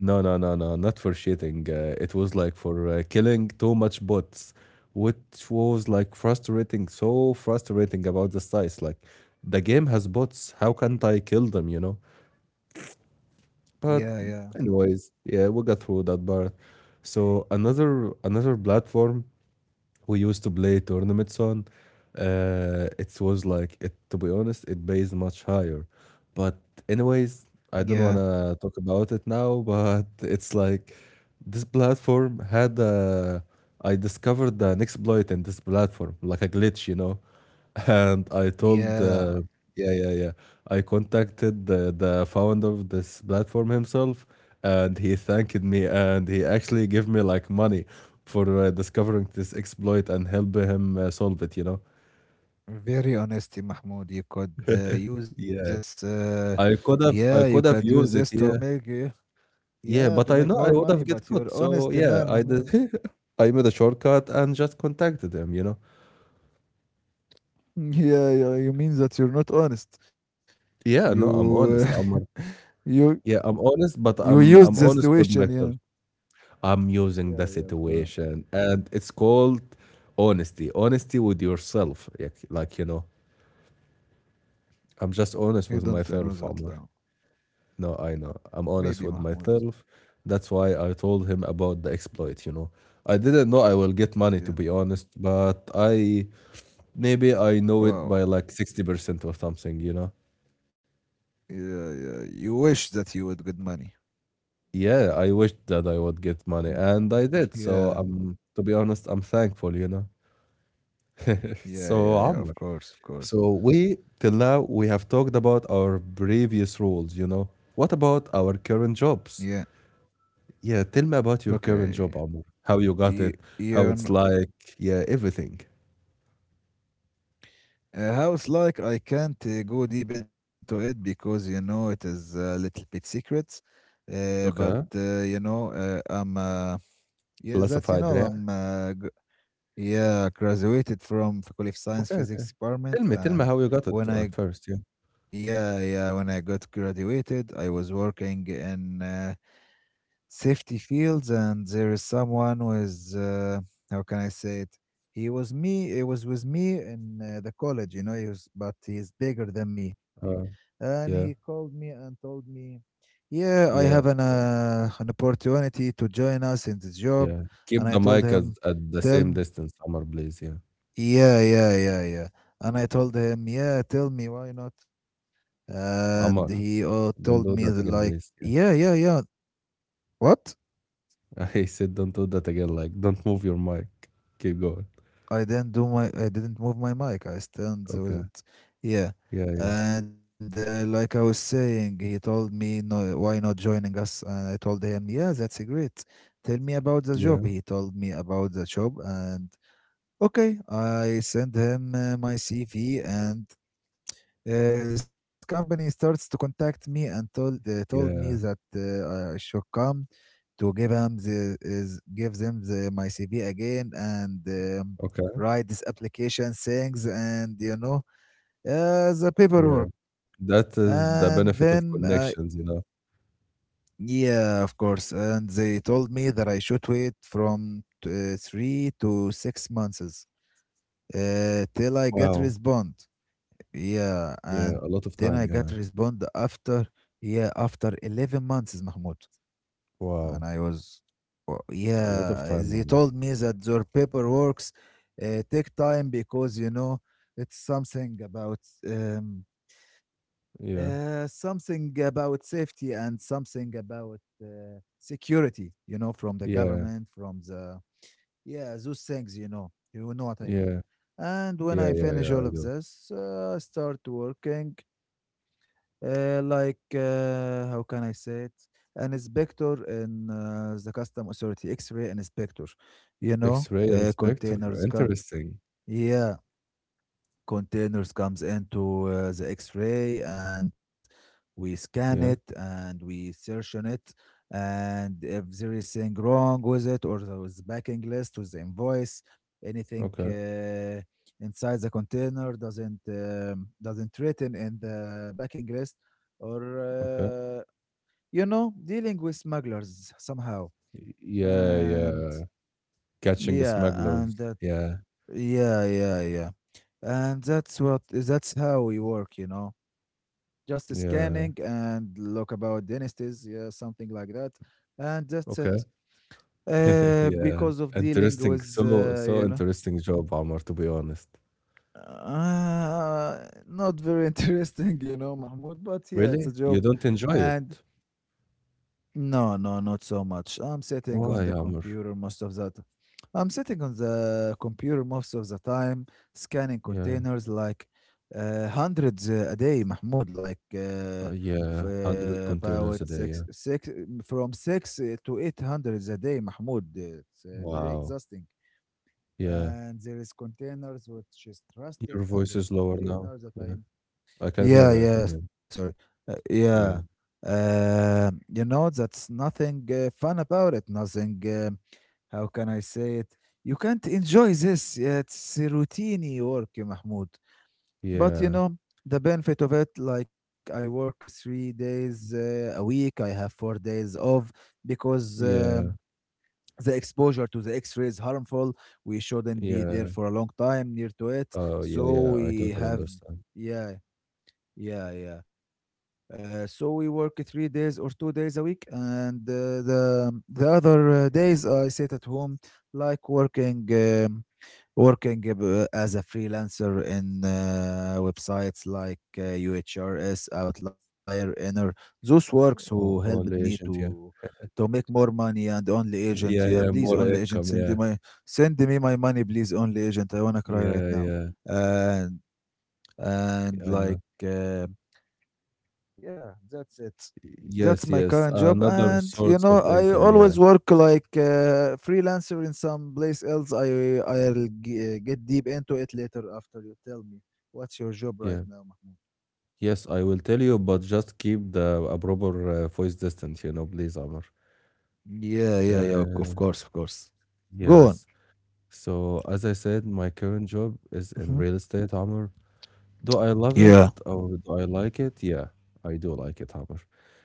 Speaker 1: no, no, no, no, not for cheating. It was like for killing too much bots, which was like frustrating, so frustrating about the size. Like the game has bots. How can't I kill them? You know.
Speaker 2: Yeah,
Speaker 1: But
Speaker 2: yeah.
Speaker 1: anyways, yeah, we got through that part. So another platform we used to play tournaments on. It was like it— to be honest, it pays much higher. But anyways, I
Speaker 2: Yeah.
Speaker 1: don't wanna talk about it now. But it's like this platform had— uh, I discovered an exploit in this platform, like a glitch, you know. And I told,
Speaker 2: Yeah.
Speaker 1: yeah, yeah, yeah. I contacted the founder of this platform himself, and he thanked me, and he actually gave me like money for discovering this exploit and help him solve it. You know,
Speaker 2: Very honesty, Mahmoud. You could use this
Speaker 1: yeah.
Speaker 2: yeah, you
Speaker 1: I
Speaker 2: could
Speaker 1: could have
Speaker 2: use this
Speaker 1: used it,
Speaker 2: to
Speaker 1: yeah,
Speaker 2: make yeah,
Speaker 1: yeah.
Speaker 2: to
Speaker 1: But I
Speaker 2: make
Speaker 1: know
Speaker 2: more
Speaker 1: I would
Speaker 2: money,
Speaker 1: have get
Speaker 2: but
Speaker 1: caught.
Speaker 2: you're
Speaker 1: So
Speaker 2: honest
Speaker 1: yeah,
Speaker 2: man,
Speaker 1: I
Speaker 2: Mahmoud.
Speaker 1: did. I made a shortcut and just contacted him. You know,
Speaker 2: Yeah, yeah, you mean that you're not honest.
Speaker 1: yeah. No, I'm
Speaker 2: You
Speaker 1: honest.
Speaker 2: you
Speaker 1: Yeah, I'm honest, but
Speaker 2: You used
Speaker 1: I'm
Speaker 2: the
Speaker 1: honest with
Speaker 2: situation,
Speaker 1: myself.
Speaker 2: yeah.
Speaker 1: I'm using the
Speaker 2: Yeah, yeah, of course.
Speaker 1: situation, and it's called honesty. Honesty with yourself, like you know. I'm just
Speaker 2: I
Speaker 1: honest with
Speaker 2: don't know that
Speaker 1: myself,
Speaker 2: now.
Speaker 1: Amr. No, I know. I'm
Speaker 2: Maybe
Speaker 1: honest with
Speaker 2: Mahmoud.
Speaker 1: myself. That's why I told him about the exploit. You know, I didn't know I will get money, to
Speaker 2: Yeah.
Speaker 1: be honest, but I— maybe I know it by
Speaker 2: Wow.
Speaker 1: like 60% or something. You know.
Speaker 2: Yeah, yeah. You wish that you would get money.
Speaker 1: Yeah, I wished that I would get money,
Speaker 2: Mhm.
Speaker 1: and I did. So
Speaker 2: Yeah,
Speaker 1: I'm— to be honest, I'm thankful. You know.
Speaker 2: yeah,
Speaker 1: So,
Speaker 2: yeah, yeah.
Speaker 1: Amr.
Speaker 2: Of course, of course.
Speaker 1: So we— till now we have talked about our previous roles, you know. What about our current
Speaker 2: Yeah.
Speaker 1: jobs? Yeah, tell me about your current
Speaker 2: Okay.
Speaker 1: job, Amor. How you got it,
Speaker 2: You,
Speaker 1: how
Speaker 2: you
Speaker 1: it's
Speaker 2: know,
Speaker 1: like, yeah, everything.
Speaker 2: a house like I can't go deep into it because you know it is a little bit secret. Uh, but
Speaker 1: Okay.
Speaker 2: uh, you know, I'm yeah, that you
Speaker 1: Classified,
Speaker 2: know,
Speaker 1: yeah.
Speaker 2: Yeah, graduated from Faculty of
Speaker 1: Okay,
Speaker 2: Science
Speaker 1: okay.
Speaker 2: Physics Department,
Speaker 1: Tell me
Speaker 2: and
Speaker 1: how you got it
Speaker 2: when
Speaker 1: at
Speaker 2: I g-
Speaker 1: first, yeah.
Speaker 2: yeah, yeah, when I got graduated, I was working in safety fields, and there is someone who is how can I say it? He was with me in the college, you know. He was, but he's bigger than me,
Speaker 1: Uh,
Speaker 2: and he
Speaker 1: yeah,
Speaker 2: called me and told me, "Yeah, I have
Speaker 1: yeah,
Speaker 2: an opportunity to join us in this job,"
Speaker 1: yeah.
Speaker 2: and
Speaker 1: Keep
Speaker 2: I
Speaker 1: the
Speaker 2: told
Speaker 1: mic at—
Speaker 2: him.
Speaker 1: at the
Speaker 2: Tell
Speaker 1: same distance, Amar, please, yeah.
Speaker 2: Yeah, yeah, yeah, yeah. And I told him, yeah, tell me why not. And he
Speaker 1: Amar,
Speaker 2: told me
Speaker 1: don't do
Speaker 2: that
Speaker 1: that
Speaker 2: like,
Speaker 1: again, please.
Speaker 2: yeah,
Speaker 1: Yeah.
Speaker 2: yeah, yeah. What?
Speaker 1: I said don't do that again, like don't move your mic. Keep going.
Speaker 2: I didn't do my, I didn't move my mic. I stand with
Speaker 1: Okay.
Speaker 2: it. Yeah.
Speaker 1: Yeah, yeah,
Speaker 2: And like I was saying, he told me, no, why not joining us? And I told him, yeah, that's great. Tell me about the job.
Speaker 1: yeah.
Speaker 2: He told me about the job, and okay, I sent him my CV, and this company starts to contact me and told told me that
Speaker 1: Yeah.
Speaker 2: I should come to give them the, is give them the, my CV again, and
Speaker 1: Okay.
Speaker 2: write this application things, and you know the
Speaker 1: Yeah.
Speaker 2: paperwork,
Speaker 1: That is
Speaker 2: and
Speaker 1: the
Speaker 2: then
Speaker 1: benefit of connections, you know.
Speaker 2: yeah, of course, and they told me that I should wait from 3 to 6 months till I get
Speaker 1: Wow.
Speaker 2: respond. Yeah,
Speaker 1: Yeah.
Speaker 2: and
Speaker 1: A
Speaker 2: then
Speaker 1: lot
Speaker 2: I
Speaker 1: of
Speaker 2: got
Speaker 1: time. Yeah.
Speaker 2: respond after yeah after 11 months, Mahmoud, and
Speaker 1: Wow.
Speaker 2: I was oh,
Speaker 1: A lot of
Speaker 2: yeah.
Speaker 1: time,
Speaker 2: They
Speaker 1: Amr.
Speaker 2: told me that their paperwork take time because you know it's um,
Speaker 1: Yeah.
Speaker 2: something about safety and something about security. You know, from the
Speaker 1: Yeah.
Speaker 2: government, from the yeah those things. You know what I mean.
Speaker 1: Yeah.
Speaker 2: And when
Speaker 1: Yeah.
Speaker 2: I
Speaker 1: Yeah.
Speaker 2: finish
Speaker 1: Yeah.
Speaker 2: all
Speaker 1: I
Speaker 2: of
Speaker 1: do.
Speaker 2: this, I start working like how can I say it? An inspector in the custom authority, X-ray inspector, you know,
Speaker 1: X-ray inspector.
Speaker 2: containers come.
Speaker 1: Interesting.
Speaker 2: Yeah, containers comes into the X-ray, and we scan it,
Speaker 1: Yeah.
Speaker 2: and we search on it, and if there is anything wrong with it, or there was backing list with the invoice, anything
Speaker 1: Okay.
Speaker 2: inside the container doesn't written in the backing list, or
Speaker 1: Okay.
Speaker 2: you know, dealing with smugglers somehow,
Speaker 1: Y- Yeah.
Speaker 2: and
Speaker 1: Yeah. Catching
Speaker 2: yeah
Speaker 1: smugglers.
Speaker 2: and that
Speaker 1: Yeah.
Speaker 2: yeah, yeah, yeah. And that's how we work, you know. Just scanning
Speaker 1: Yeah.
Speaker 2: and look about dynasties, yeah, something like that. And that's it.
Speaker 1: Okay. yeah.
Speaker 2: Because of dealing
Speaker 1: Interesting.
Speaker 2: with,
Speaker 1: So so
Speaker 2: you know,
Speaker 1: interesting job, Amr, to be honest.
Speaker 2: not very interesting, you know, Mahmoud, but yeah, it's
Speaker 1: Really?
Speaker 2: a
Speaker 1: You
Speaker 2: job.
Speaker 1: don't enjoy
Speaker 2: And
Speaker 1: it?
Speaker 2: no, no, not so much. I'm sitting on the
Speaker 1: Why, Amr?
Speaker 2: computer most of the t- I'm sitting on the computer most of the time, scanning
Speaker 1: Yeah.
Speaker 2: containers like hundreds a day, Mahmoud, like
Speaker 1: Yeah,
Speaker 2: f-
Speaker 1: 100
Speaker 2: uh,
Speaker 1: containers a
Speaker 2: about
Speaker 1: day, yeah.
Speaker 2: six, six, from six to eight hundreds a day, Mahmoud. It's very
Speaker 1: Wow.
Speaker 2: exhausting.
Speaker 1: Yeah.
Speaker 2: And there is containers which is trusted,
Speaker 1: Your
Speaker 2: and there
Speaker 1: voice
Speaker 2: is
Speaker 1: is lower now.
Speaker 2: containers that I
Speaker 1: Yeah. I can
Speaker 2: yeah,
Speaker 1: hear you. I can
Speaker 2: yeah,
Speaker 1: hear you.
Speaker 2: sorry. Yeah.
Speaker 1: Yeah.
Speaker 2: You know, that's nothing fun about it. Nothing, How can I say it? You can't enjoy this. Yeah, it's a routine work, yeah, Mahmoud. But you
Speaker 1: Yeah.
Speaker 2: know, the benefit of it, like I work 3 days a week, I have 4 days off because
Speaker 1: Yeah.
Speaker 2: the exposure to the X ray is harmful. We shouldn't be there
Speaker 1: Yeah.
Speaker 2: for a long time near to it.
Speaker 1: Oh, yeah,
Speaker 2: So
Speaker 1: yeah. I
Speaker 2: we
Speaker 1: totally
Speaker 2: have,
Speaker 1: understand.
Speaker 2: yeah, yeah, yeah. So we work 3 days or 2 days a week, and the other days I sit at home, like working working as a freelancer in websites like UHRS, Outlier, Inner. Those works
Speaker 1: O-
Speaker 2: who helped
Speaker 1: Only
Speaker 2: me
Speaker 1: agent, yeah.
Speaker 2: to make more money and only agent.
Speaker 1: Yeah,
Speaker 2: Yeah,
Speaker 1: yeah.
Speaker 2: please
Speaker 1: More
Speaker 2: only agent
Speaker 1: income, yeah.
Speaker 2: send me my money, please only agent. I wanna cry right
Speaker 1: Yeah,
Speaker 2: now.
Speaker 1: yeah.
Speaker 2: And and
Speaker 1: I
Speaker 2: like.
Speaker 1: know.
Speaker 2: Yeah, that's it. That's my
Speaker 1: Yes,
Speaker 2: current
Speaker 1: yes.
Speaker 2: job, and
Speaker 1: Another
Speaker 2: you know,
Speaker 1: source of
Speaker 2: I
Speaker 1: income,
Speaker 2: always
Speaker 1: yeah.
Speaker 2: work like freelancer in some place else. I'll get deep into it later after you tell me what's your job right
Speaker 1: Yeah.
Speaker 2: now, Mahmoud.
Speaker 1: Yes, I will tell you, but just keep the a proper voice distance, you know, please, Amr.
Speaker 2: Yeah, yeah, yeah. Of
Speaker 1: Uh,
Speaker 2: course, of course. Go on.
Speaker 1: yes. So as I said, my current job is in
Speaker 2: Hmm.
Speaker 1: real estate, Amr. Do I love it
Speaker 2: Yeah,
Speaker 1: or do I like it? Yeah, I do like it, Amr.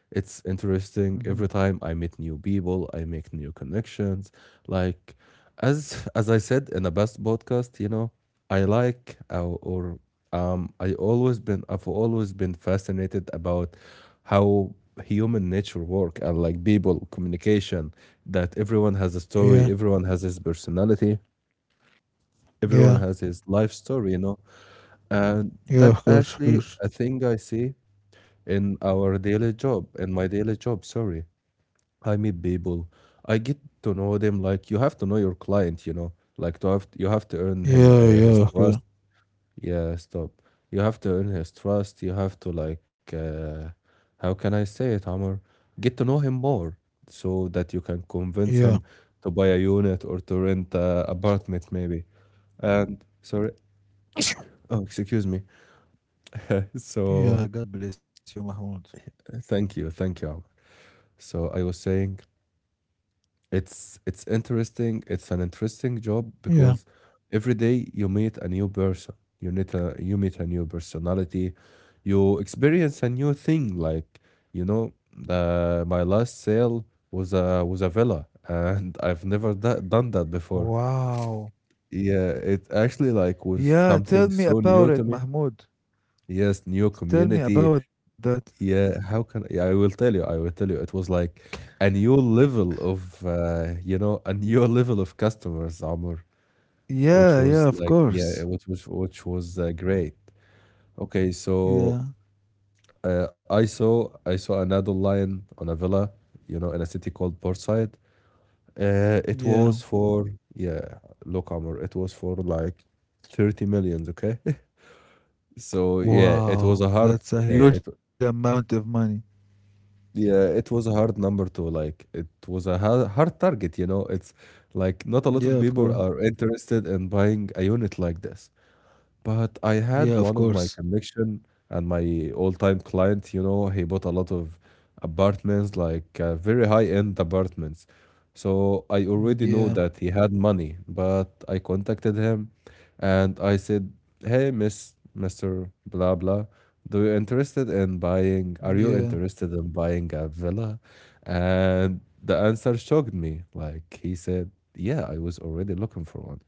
Speaker 1: It's
Speaker 2: hmm,
Speaker 1: interesting. Every time I meet new people, I make new connections. Like, as as I said in the best podcast, you know, I like or I always been— I've always been fascinated about how human nature work and like people communication, that everyone has a
Speaker 2: yeah,
Speaker 1: story, everyone has his personality, everyone
Speaker 2: yeah,
Speaker 1: has his life story, you know. And
Speaker 2: yeah.
Speaker 1: that
Speaker 2: Of course, of
Speaker 1: actually
Speaker 2: course.
Speaker 1: a thing I see in our daily job, in my daily job, sorry. I meet people. I get to know them like you have to know your client, you know. Like to have— you have to earn him
Speaker 2: Yeah,
Speaker 1: his
Speaker 2: yeah, of
Speaker 1: trust.
Speaker 2: course.
Speaker 1: Yeah, stop. You have to earn his trust. You have to like how can I say it, Amr? Get to know him more so that you can
Speaker 2: Yeah,
Speaker 1: convince him to buy a unit or to rent a apartment maybe. And sorry, oh, excuse me. So
Speaker 2: yeah. God bless you, Mahmoud.
Speaker 1: thank you, thank you, Ahmed. So I was saying it's— it's interesting. It's an interesting job
Speaker 2: Yeah.
Speaker 1: because every day you meet a new person. You meet a— you meet a new personality. You experience a new thing. Like, you know, my last sale was a villa, and I've never done that before.
Speaker 2: Wow.
Speaker 1: Yeah, it actually like was
Speaker 2: Yeah, tell
Speaker 1: something
Speaker 2: me
Speaker 1: so new
Speaker 2: about
Speaker 1: to
Speaker 2: it,
Speaker 1: me.
Speaker 2: Mahmoud.
Speaker 1: Yes, new
Speaker 2: Tell me
Speaker 1: community.
Speaker 2: about that.
Speaker 1: Yeah, how can— yeah, I will tell you, I will tell you, it was like a new level of you know, a new level of customers, Amr, which
Speaker 2: Yeah,
Speaker 1: was
Speaker 2: yeah, of
Speaker 1: like yeah,
Speaker 2: course.
Speaker 1: which was great. Okay, so
Speaker 2: Yeah,
Speaker 1: I saw an adult lion on a villa, you know, in a city called Portside. It
Speaker 2: yeah.
Speaker 1: was for yeah, look, Amr, it was for like 30 millions, okay? So yeah, it was a hard
Speaker 2: Wow, that's a
Speaker 1: it
Speaker 2: huge amount of money.
Speaker 1: Yeah, it was a hard number to like. It was a hard target, you know. It's like not a lot of people
Speaker 2: Yeah, of
Speaker 1: are
Speaker 2: course.
Speaker 1: interested in buying a unit like this. But I had one of
Speaker 2: Yeah,
Speaker 1: my
Speaker 2: of course.
Speaker 1: connection and my all-time client, you know, he bought a lot of apartments, like very high-end apartments. So I already know that he
Speaker 2: Yeah,
Speaker 1: had money, but I contacted him and I said, "Hey, Miss— Mr. blah blah, do you interested in buying— are you
Speaker 2: yeah,
Speaker 1: interested in buying a villa?" And the answer shocked me. Like he said, "Yeah, I was already looking for one."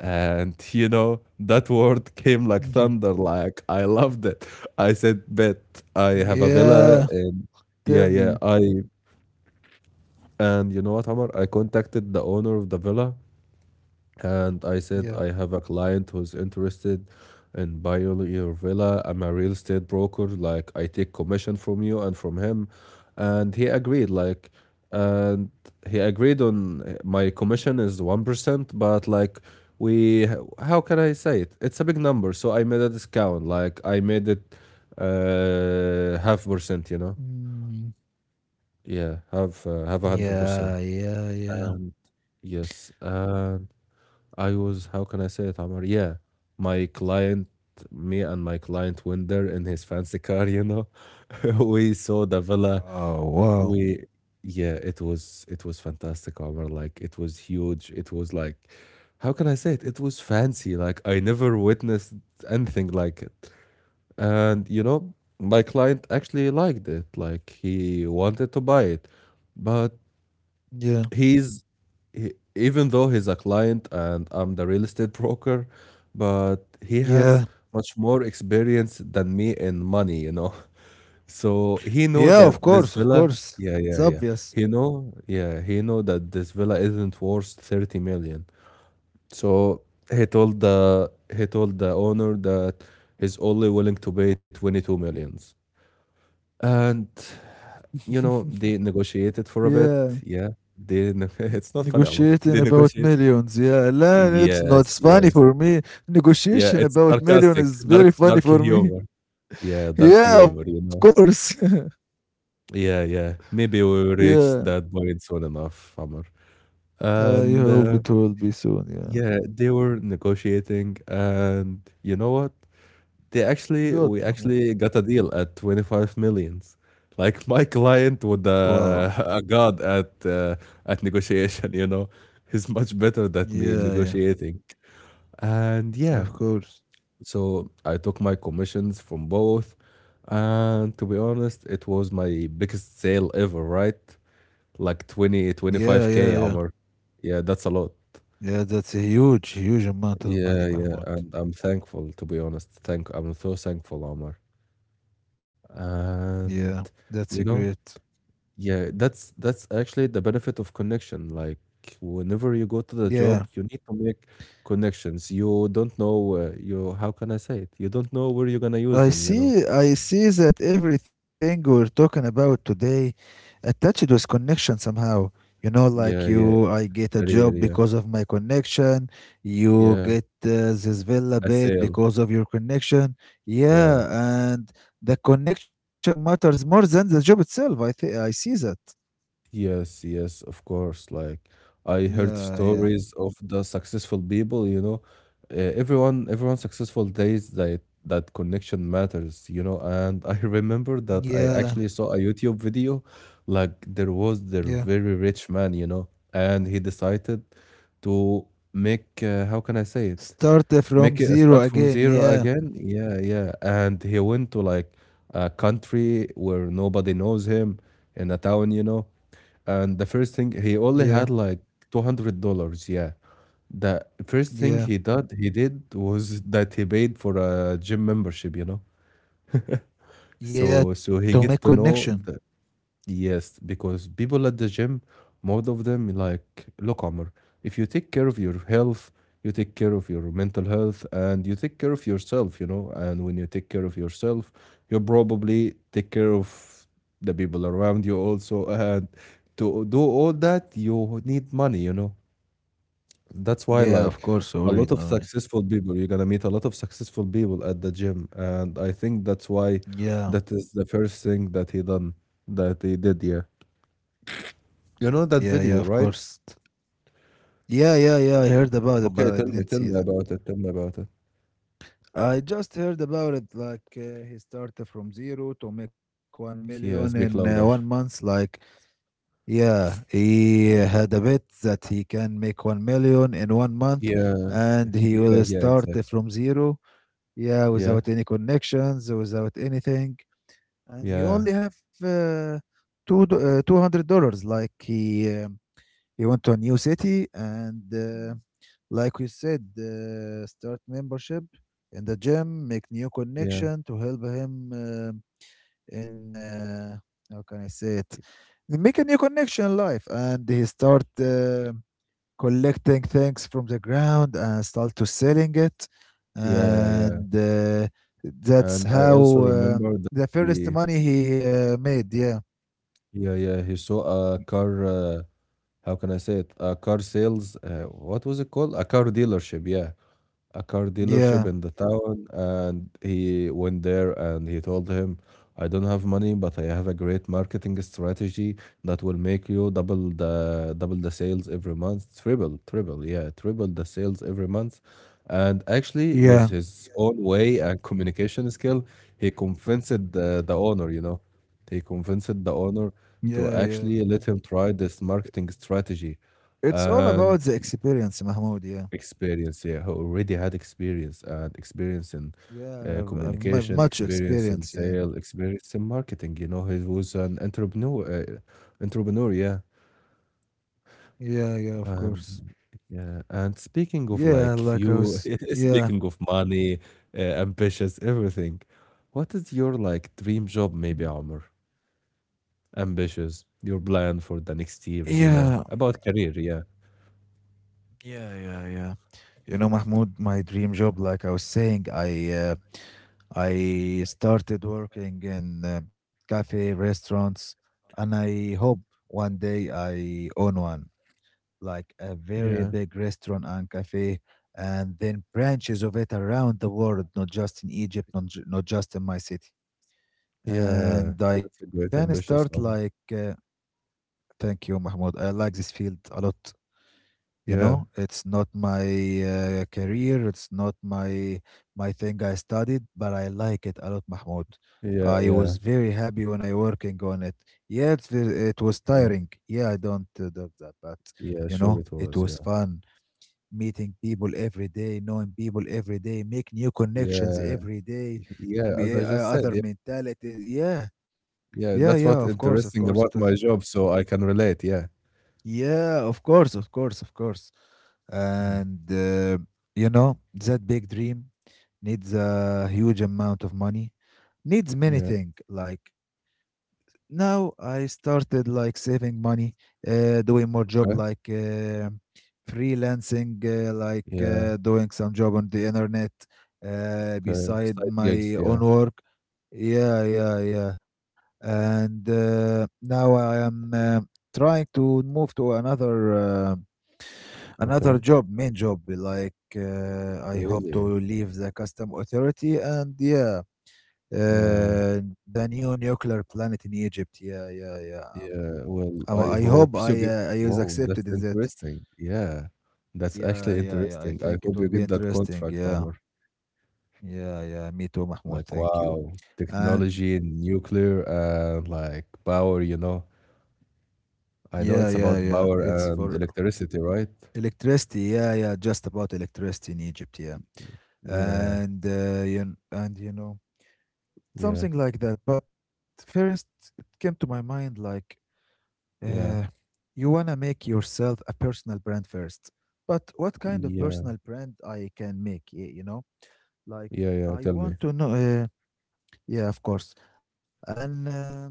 Speaker 1: And you know, that word came like thunder,
Speaker 2: yeah.
Speaker 1: like I loved it. I said, bet, I have a villa.
Speaker 2: Yeah,
Speaker 1: And yeah,
Speaker 2: tell
Speaker 1: yeah,
Speaker 2: me.
Speaker 1: I— and you know what, Omar? I contacted the owner of the villa and I said, I have
Speaker 2: Yeah.
Speaker 1: a client who's interested in buying your villa. I'm a real estate broker. Like, I take commission from you and from him. And he agreed, like, and he agreed on my commission is 1%, but like, we— h- how can I say it? It's a big number. So I made a discount. Like, I made it uh, half percent you know
Speaker 2: Mm,
Speaker 1: yeah have 100%
Speaker 2: yeah, yeah,
Speaker 1: and
Speaker 2: yeah.
Speaker 1: yes. I was— how can I say it, Amr? Yeah, my client— me and my client went there in his fancy car, you know. We saw the villa.
Speaker 2: Wow, wow.
Speaker 1: We— yeah, it was— it was fantastic, Amr. Like it was huge. It was like— how can I say it? It was fancy. Like I never witnessed anything like it. And you know, my client actually liked it. Like he wanted to buy it, but
Speaker 2: Yeah,
Speaker 1: he's even though he's a client and I'm the real estate broker, but he has
Speaker 2: yeah.
Speaker 1: much more experience than me in money, you know. So he know
Speaker 2: Yeah,
Speaker 1: that
Speaker 2: of
Speaker 1: this
Speaker 2: course, of
Speaker 1: villa,
Speaker 2: course.
Speaker 1: yeah, yeah,
Speaker 2: It's
Speaker 1: yeah.
Speaker 2: obvious.
Speaker 1: He know, yeah, he know that this villa isn't worth 30 million. So he told the owner that he's only willing to pay 22 millions. And you know, they negotiated for a
Speaker 2: Yeah.
Speaker 1: bit. Yeah, they ne- it's not funny, Amr. They
Speaker 2: Negotiating about
Speaker 1: negotiated.
Speaker 2: millions. Yeah, la, it's
Speaker 1: Yes,
Speaker 2: not funny
Speaker 1: yes.
Speaker 2: for me.
Speaker 1: Yeah,
Speaker 2: Negotiation
Speaker 1: it's
Speaker 2: about million
Speaker 1: sarcastic,
Speaker 2: is
Speaker 1: dark
Speaker 2: very funny
Speaker 1: dark
Speaker 2: for me.
Speaker 1: humor. Yeah, dark
Speaker 2: Yeah, of
Speaker 1: humor, you know?
Speaker 2: course.
Speaker 1: Yeah, yeah. Maybe we will
Speaker 2: Yeah,
Speaker 1: reach that point soon enough, Amr.
Speaker 2: I
Speaker 1: And
Speaker 2: hope it will be soon. Yeah.
Speaker 1: yeah, they were negotiating, and you know what? They actually,
Speaker 2: Good,
Speaker 1: we
Speaker 2: Mahmoud.
Speaker 1: actually got a deal at 25 millions. Like my client would
Speaker 2: Wow.
Speaker 1: a god at negotiation, you know? He's much better than me in
Speaker 2: Yeah, yeah.
Speaker 1: negotiating. And yeah.
Speaker 2: Of course.
Speaker 1: So I took my commissions from both. And to be honest, it was my biggest sale ever, right? Like twenty twenty
Speaker 2: Yeah,
Speaker 1: five
Speaker 2: yeah,
Speaker 1: k,
Speaker 2: yeah.
Speaker 1: Amr. Yeah, that's a lot.
Speaker 2: Yeah, that's a huge, huge amount of
Speaker 1: Yeah,
Speaker 2: money,
Speaker 1: yeah.
Speaker 2: Mahmoud.
Speaker 1: And I'm thankful, to be honest. I'm so thankful, Amr.
Speaker 2: Yeah,
Speaker 1: And,
Speaker 2: that's a
Speaker 1: you know,
Speaker 2: great.
Speaker 1: yeah, that's actually the benefit of connection. Like, whenever you go to the job,
Speaker 2: Yeah,
Speaker 1: you need to make connections. You don't know, you, how can I say it? You don't know where you're gonna use them, you know?
Speaker 2: I see that everything we're talking about today attached with connection somehow. You know, like
Speaker 1: Yeah, yeah.
Speaker 2: you, I get a
Speaker 1: Career,
Speaker 2: job
Speaker 1: yeah.
Speaker 2: because of my connection. You
Speaker 1: Yeah.
Speaker 2: get this villa
Speaker 1: A
Speaker 2: bed
Speaker 1: sale.
Speaker 2: because of your connection. Yeah,
Speaker 1: Yeah.
Speaker 2: and the connection matters more than the job itself. I think I see that.
Speaker 1: Yes, yes, of course. Like I heard
Speaker 2: Yeah, yeah,
Speaker 1: stories of the successful people, you know, everyone successful days that connection matters, you know, and I remember that I
Speaker 2: yeah,
Speaker 1: actually saw a YouTube video like there was their
Speaker 2: yeah.
Speaker 1: very rich man, you know, and he decided to make how can I say it?
Speaker 2: Start from
Speaker 1: Make it a
Speaker 2: zero
Speaker 1: start from
Speaker 2: again.
Speaker 1: zero
Speaker 2: Yeah,
Speaker 1: again? Yeah, yeah. And he went to like a country where nobody knows him in a town, you know. And the first thing he
Speaker 2: yeah,
Speaker 1: only had like $200, yeah. The first thing
Speaker 2: yeah,
Speaker 1: he did was that he paid for a gym membership, you know.
Speaker 2: yeah.
Speaker 1: So
Speaker 2: To
Speaker 1: so
Speaker 2: make
Speaker 1: he get to
Speaker 2: connection.
Speaker 1: know the. Yes, because people at the gym, most of them like, look, Omar, if you take care of your health, you take care of your mental health and you take care of yourself, you know. And when you take care of yourself, you probably take care of the people around you also. And to do all that, you need money, you know. That's why,
Speaker 2: Yeah, of
Speaker 1: like,
Speaker 2: course,
Speaker 1: a
Speaker 2: already
Speaker 1: lot of
Speaker 2: know.
Speaker 1: successful people, you're gonna meet a lot of successful people at the gym. And I think that's why
Speaker 2: Yeah,
Speaker 1: that is the first thing that he done, that he did, yeah. You know
Speaker 2: yeah,
Speaker 1: that
Speaker 2: yeah, of
Speaker 1: video, right?
Speaker 2: course. Yeah, yeah, yeah. I heard about it,
Speaker 1: Okay,
Speaker 2: but I didn't
Speaker 1: tell
Speaker 2: see
Speaker 1: me
Speaker 2: it.
Speaker 1: about it. Tell me about it.
Speaker 2: I just heard about it. Like he started from zero to make 1 million
Speaker 1: Yeah,
Speaker 2: in
Speaker 1: speak
Speaker 2: one
Speaker 1: louder.
Speaker 2: month. Like, yeah, he had a bet that he can make 1 million in 1 month,
Speaker 1: Yeah,
Speaker 2: and he
Speaker 1: yeah,
Speaker 2: will
Speaker 1: yeah,
Speaker 2: start
Speaker 1: exactly.
Speaker 2: from zero. Yeah,
Speaker 1: Yeah,
Speaker 2: without any connections, without anything, and he
Speaker 1: yeah,
Speaker 2: only have $200. Like he. You went to a new city, and like we said, start membership in the gym, make new
Speaker 1: yeah,
Speaker 2: connection to help him in how can I say
Speaker 1: y-
Speaker 2: it, make a new connection in life, and he start collecting things from the ground and start to selling it,
Speaker 1: yeah, yeah.
Speaker 2: and that's
Speaker 1: And I
Speaker 2: how
Speaker 1: also remember that
Speaker 2: the first
Speaker 1: he,
Speaker 2: money he made, yeah,
Speaker 1: yeah, yeah, he saw a car. How can I say it? A car sales. What was it called? A car dealership. Yeah, a car
Speaker 2: yeah,
Speaker 1: dealership in the town and he went there and he told him, I don't have money, but I have a great marketing strategy that will make you double the sales every month, triple yeah, triple the sales every month. And actually with
Speaker 2: yeah,
Speaker 1: his own way and communication skill, he convinced the owner, you know, he convinced the owner
Speaker 2: yeah,
Speaker 1: to
Speaker 2: yeah.
Speaker 1: actually let him try this marketing strategy.
Speaker 2: It's all about
Speaker 1: And
Speaker 2: the experience, Mahmoud. Yeah,
Speaker 1: Experience, yeah, who already had experience and experience in
Speaker 2: yeah,
Speaker 1: communication,
Speaker 2: much
Speaker 1: experience in
Speaker 2: experience. Yeah,
Speaker 1: sale, experience in marketing. You know, he was an entrepreneur, yeah.
Speaker 2: yeah, yeah. Of course.
Speaker 1: And yeah, and speaking of
Speaker 2: Yeah,
Speaker 1: like
Speaker 2: like I
Speaker 1: few,
Speaker 2: was. Yeah,
Speaker 1: speaking of money, ambitious, everything. What is your like dream
Speaker 2: hmm,
Speaker 1: job, maybe, Amr? Ambitious, your plan for the next years, you
Speaker 2: yeah,
Speaker 1: know, about career, yeah,
Speaker 2: yeah, yeah, yeah. You know, Mahmoud, my dream job. Like I was saying, I started working in cafe restaurants, and I hope one day I own one, like a very
Speaker 1: yeah,
Speaker 2: big restaurant and cafe, and then branches of it around the world, not just in Egypt, not just in my city.
Speaker 1: yeah.
Speaker 2: And I
Speaker 1: That's a
Speaker 2: can
Speaker 1: great
Speaker 2: start
Speaker 1: ambitious
Speaker 2: like,
Speaker 1: one.
Speaker 2: thank you, Mahmoud. I like this field a lot. You
Speaker 1: Yeah,
Speaker 2: know, it's not my career, it's not my thing I studied, but I like it a lot, Mahmoud.
Speaker 1: yeah,
Speaker 2: I
Speaker 1: yeah.
Speaker 2: was very happy when I working on it. Yeah, it was
Speaker 1: Yeah,
Speaker 2: tiring. Yeah, I don't doubt that, but
Speaker 1: yeah,
Speaker 2: you
Speaker 1: sure
Speaker 2: know,
Speaker 1: it
Speaker 2: it
Speaker 1: was.
Speaker 2: was
Speaker 1: Yeah,
Speaker 2: fun meeting people every day, knowing people every day, make new connections
Speaker 1: yeah,
Speaker 2: every day,
Speaker 1: yeah. As I just said,
Speaker 2: other
Speaker 1: yeah,
Speaker 2: mentalities. Yeah,
Speaker 1: yeah.
Speaker 2: yeah,
Speaker 1: That's
Speaker 2: yeah.
Speaker 1: what
Speaker 2: Of
Speaker 1: interesting
Speaker 2: course, it
Speaker 1: about my
Speaker 2: was.
Speaker 1: job, so I can relate. Yeah,
Speaker 2: Yeah, of course, of course, of course.
Speaker 1: hmm,
Speaker 2: And you know that big dream needs a huge amount of money, needs many
Speaker 1: yeah.
Speaker 2: things like now. I started like saving money, doing more job
Speaker 1: Okay,
Speaker 2: like freelancing, like
Speaker 1: yeah,
Speaker 2: doing some job on the internet
Speaker 1: okay.
Speaker 2: beside
Speaker 1: Side
Speaker 2: my
Speaker 1: gigs.
Speaker 2: own
Speaker 1: Yeah,
Speaker 2: work. Yeah, yeah, yeah. And now I am trying to move to another another
Speaker 1: okay.
Speaker 2: job, main job. Like I hope
Speaker 1: Really?
Speaker 2: to leave the custom authority, and yeah,
Speaker 1: Yeah,
Speaker 2: uh, the new nuclear planet in Egypt. Yeah, yeah, yeah.
Speaker 1: yeah. Well, I
Speaker 2: I hope
Speaker 1: hope you get.
Speaker 2: I was
Speaker 1: Wow, that's
Speaker 2: accepted in that.
Speaker 1: interesting. Yeah, that's
Speaker 2: Yeah,
Speaker 1: actually
Speaker 2: yeah, yeah. I
Speaker 1: interesting. I
Speaker 2: think it
Speaker 1: hope
Speaker 2: would
Speaker 1: you
Speaker 2: be
Speaker 1: get that
Speaker 2: interesting.
Speaker 1: contract,
Speaker 2: Yeah,
Speaker 1: Amr.
Speaker 2: yeah, yeah. Me too, Mahmoud.
Speaker 1: Like,
Speaker 2: Thank you.
Speaker 1: wow,
Speaker 2: And
Speaker 1: technology and nuclear and like power. You know. I
Speaker 2: yeah,
Speaker 1: know it's
Speaker 2: yeah,
Speaker 1: about
Speaker 2: yeah.
Speaker 1: power
Speaker 2: It's for
Speaker 1: and electricity, right?
Speaker 2: electricity. Yeah, yeah. Just about electricity in Egypt. Yeah,
Speaker 1: Yeah,
Speaker 2: and you and you know
Speaker 1: yeah,
Speaker 2: something like that. But first, it came to my mind like Uh,
Speaker 1: yeah,
Speaker 2: you wanna make yourself a personal brand first. But what kind of
Speaker 1: yeah,
Speaker 2: personal brand I can make? You know, like
Speaker 1: yeah, yeah.
Speaker 2: I
Speaker 1: Tell me.
Speaker 2: want to know. Yeah, of course. And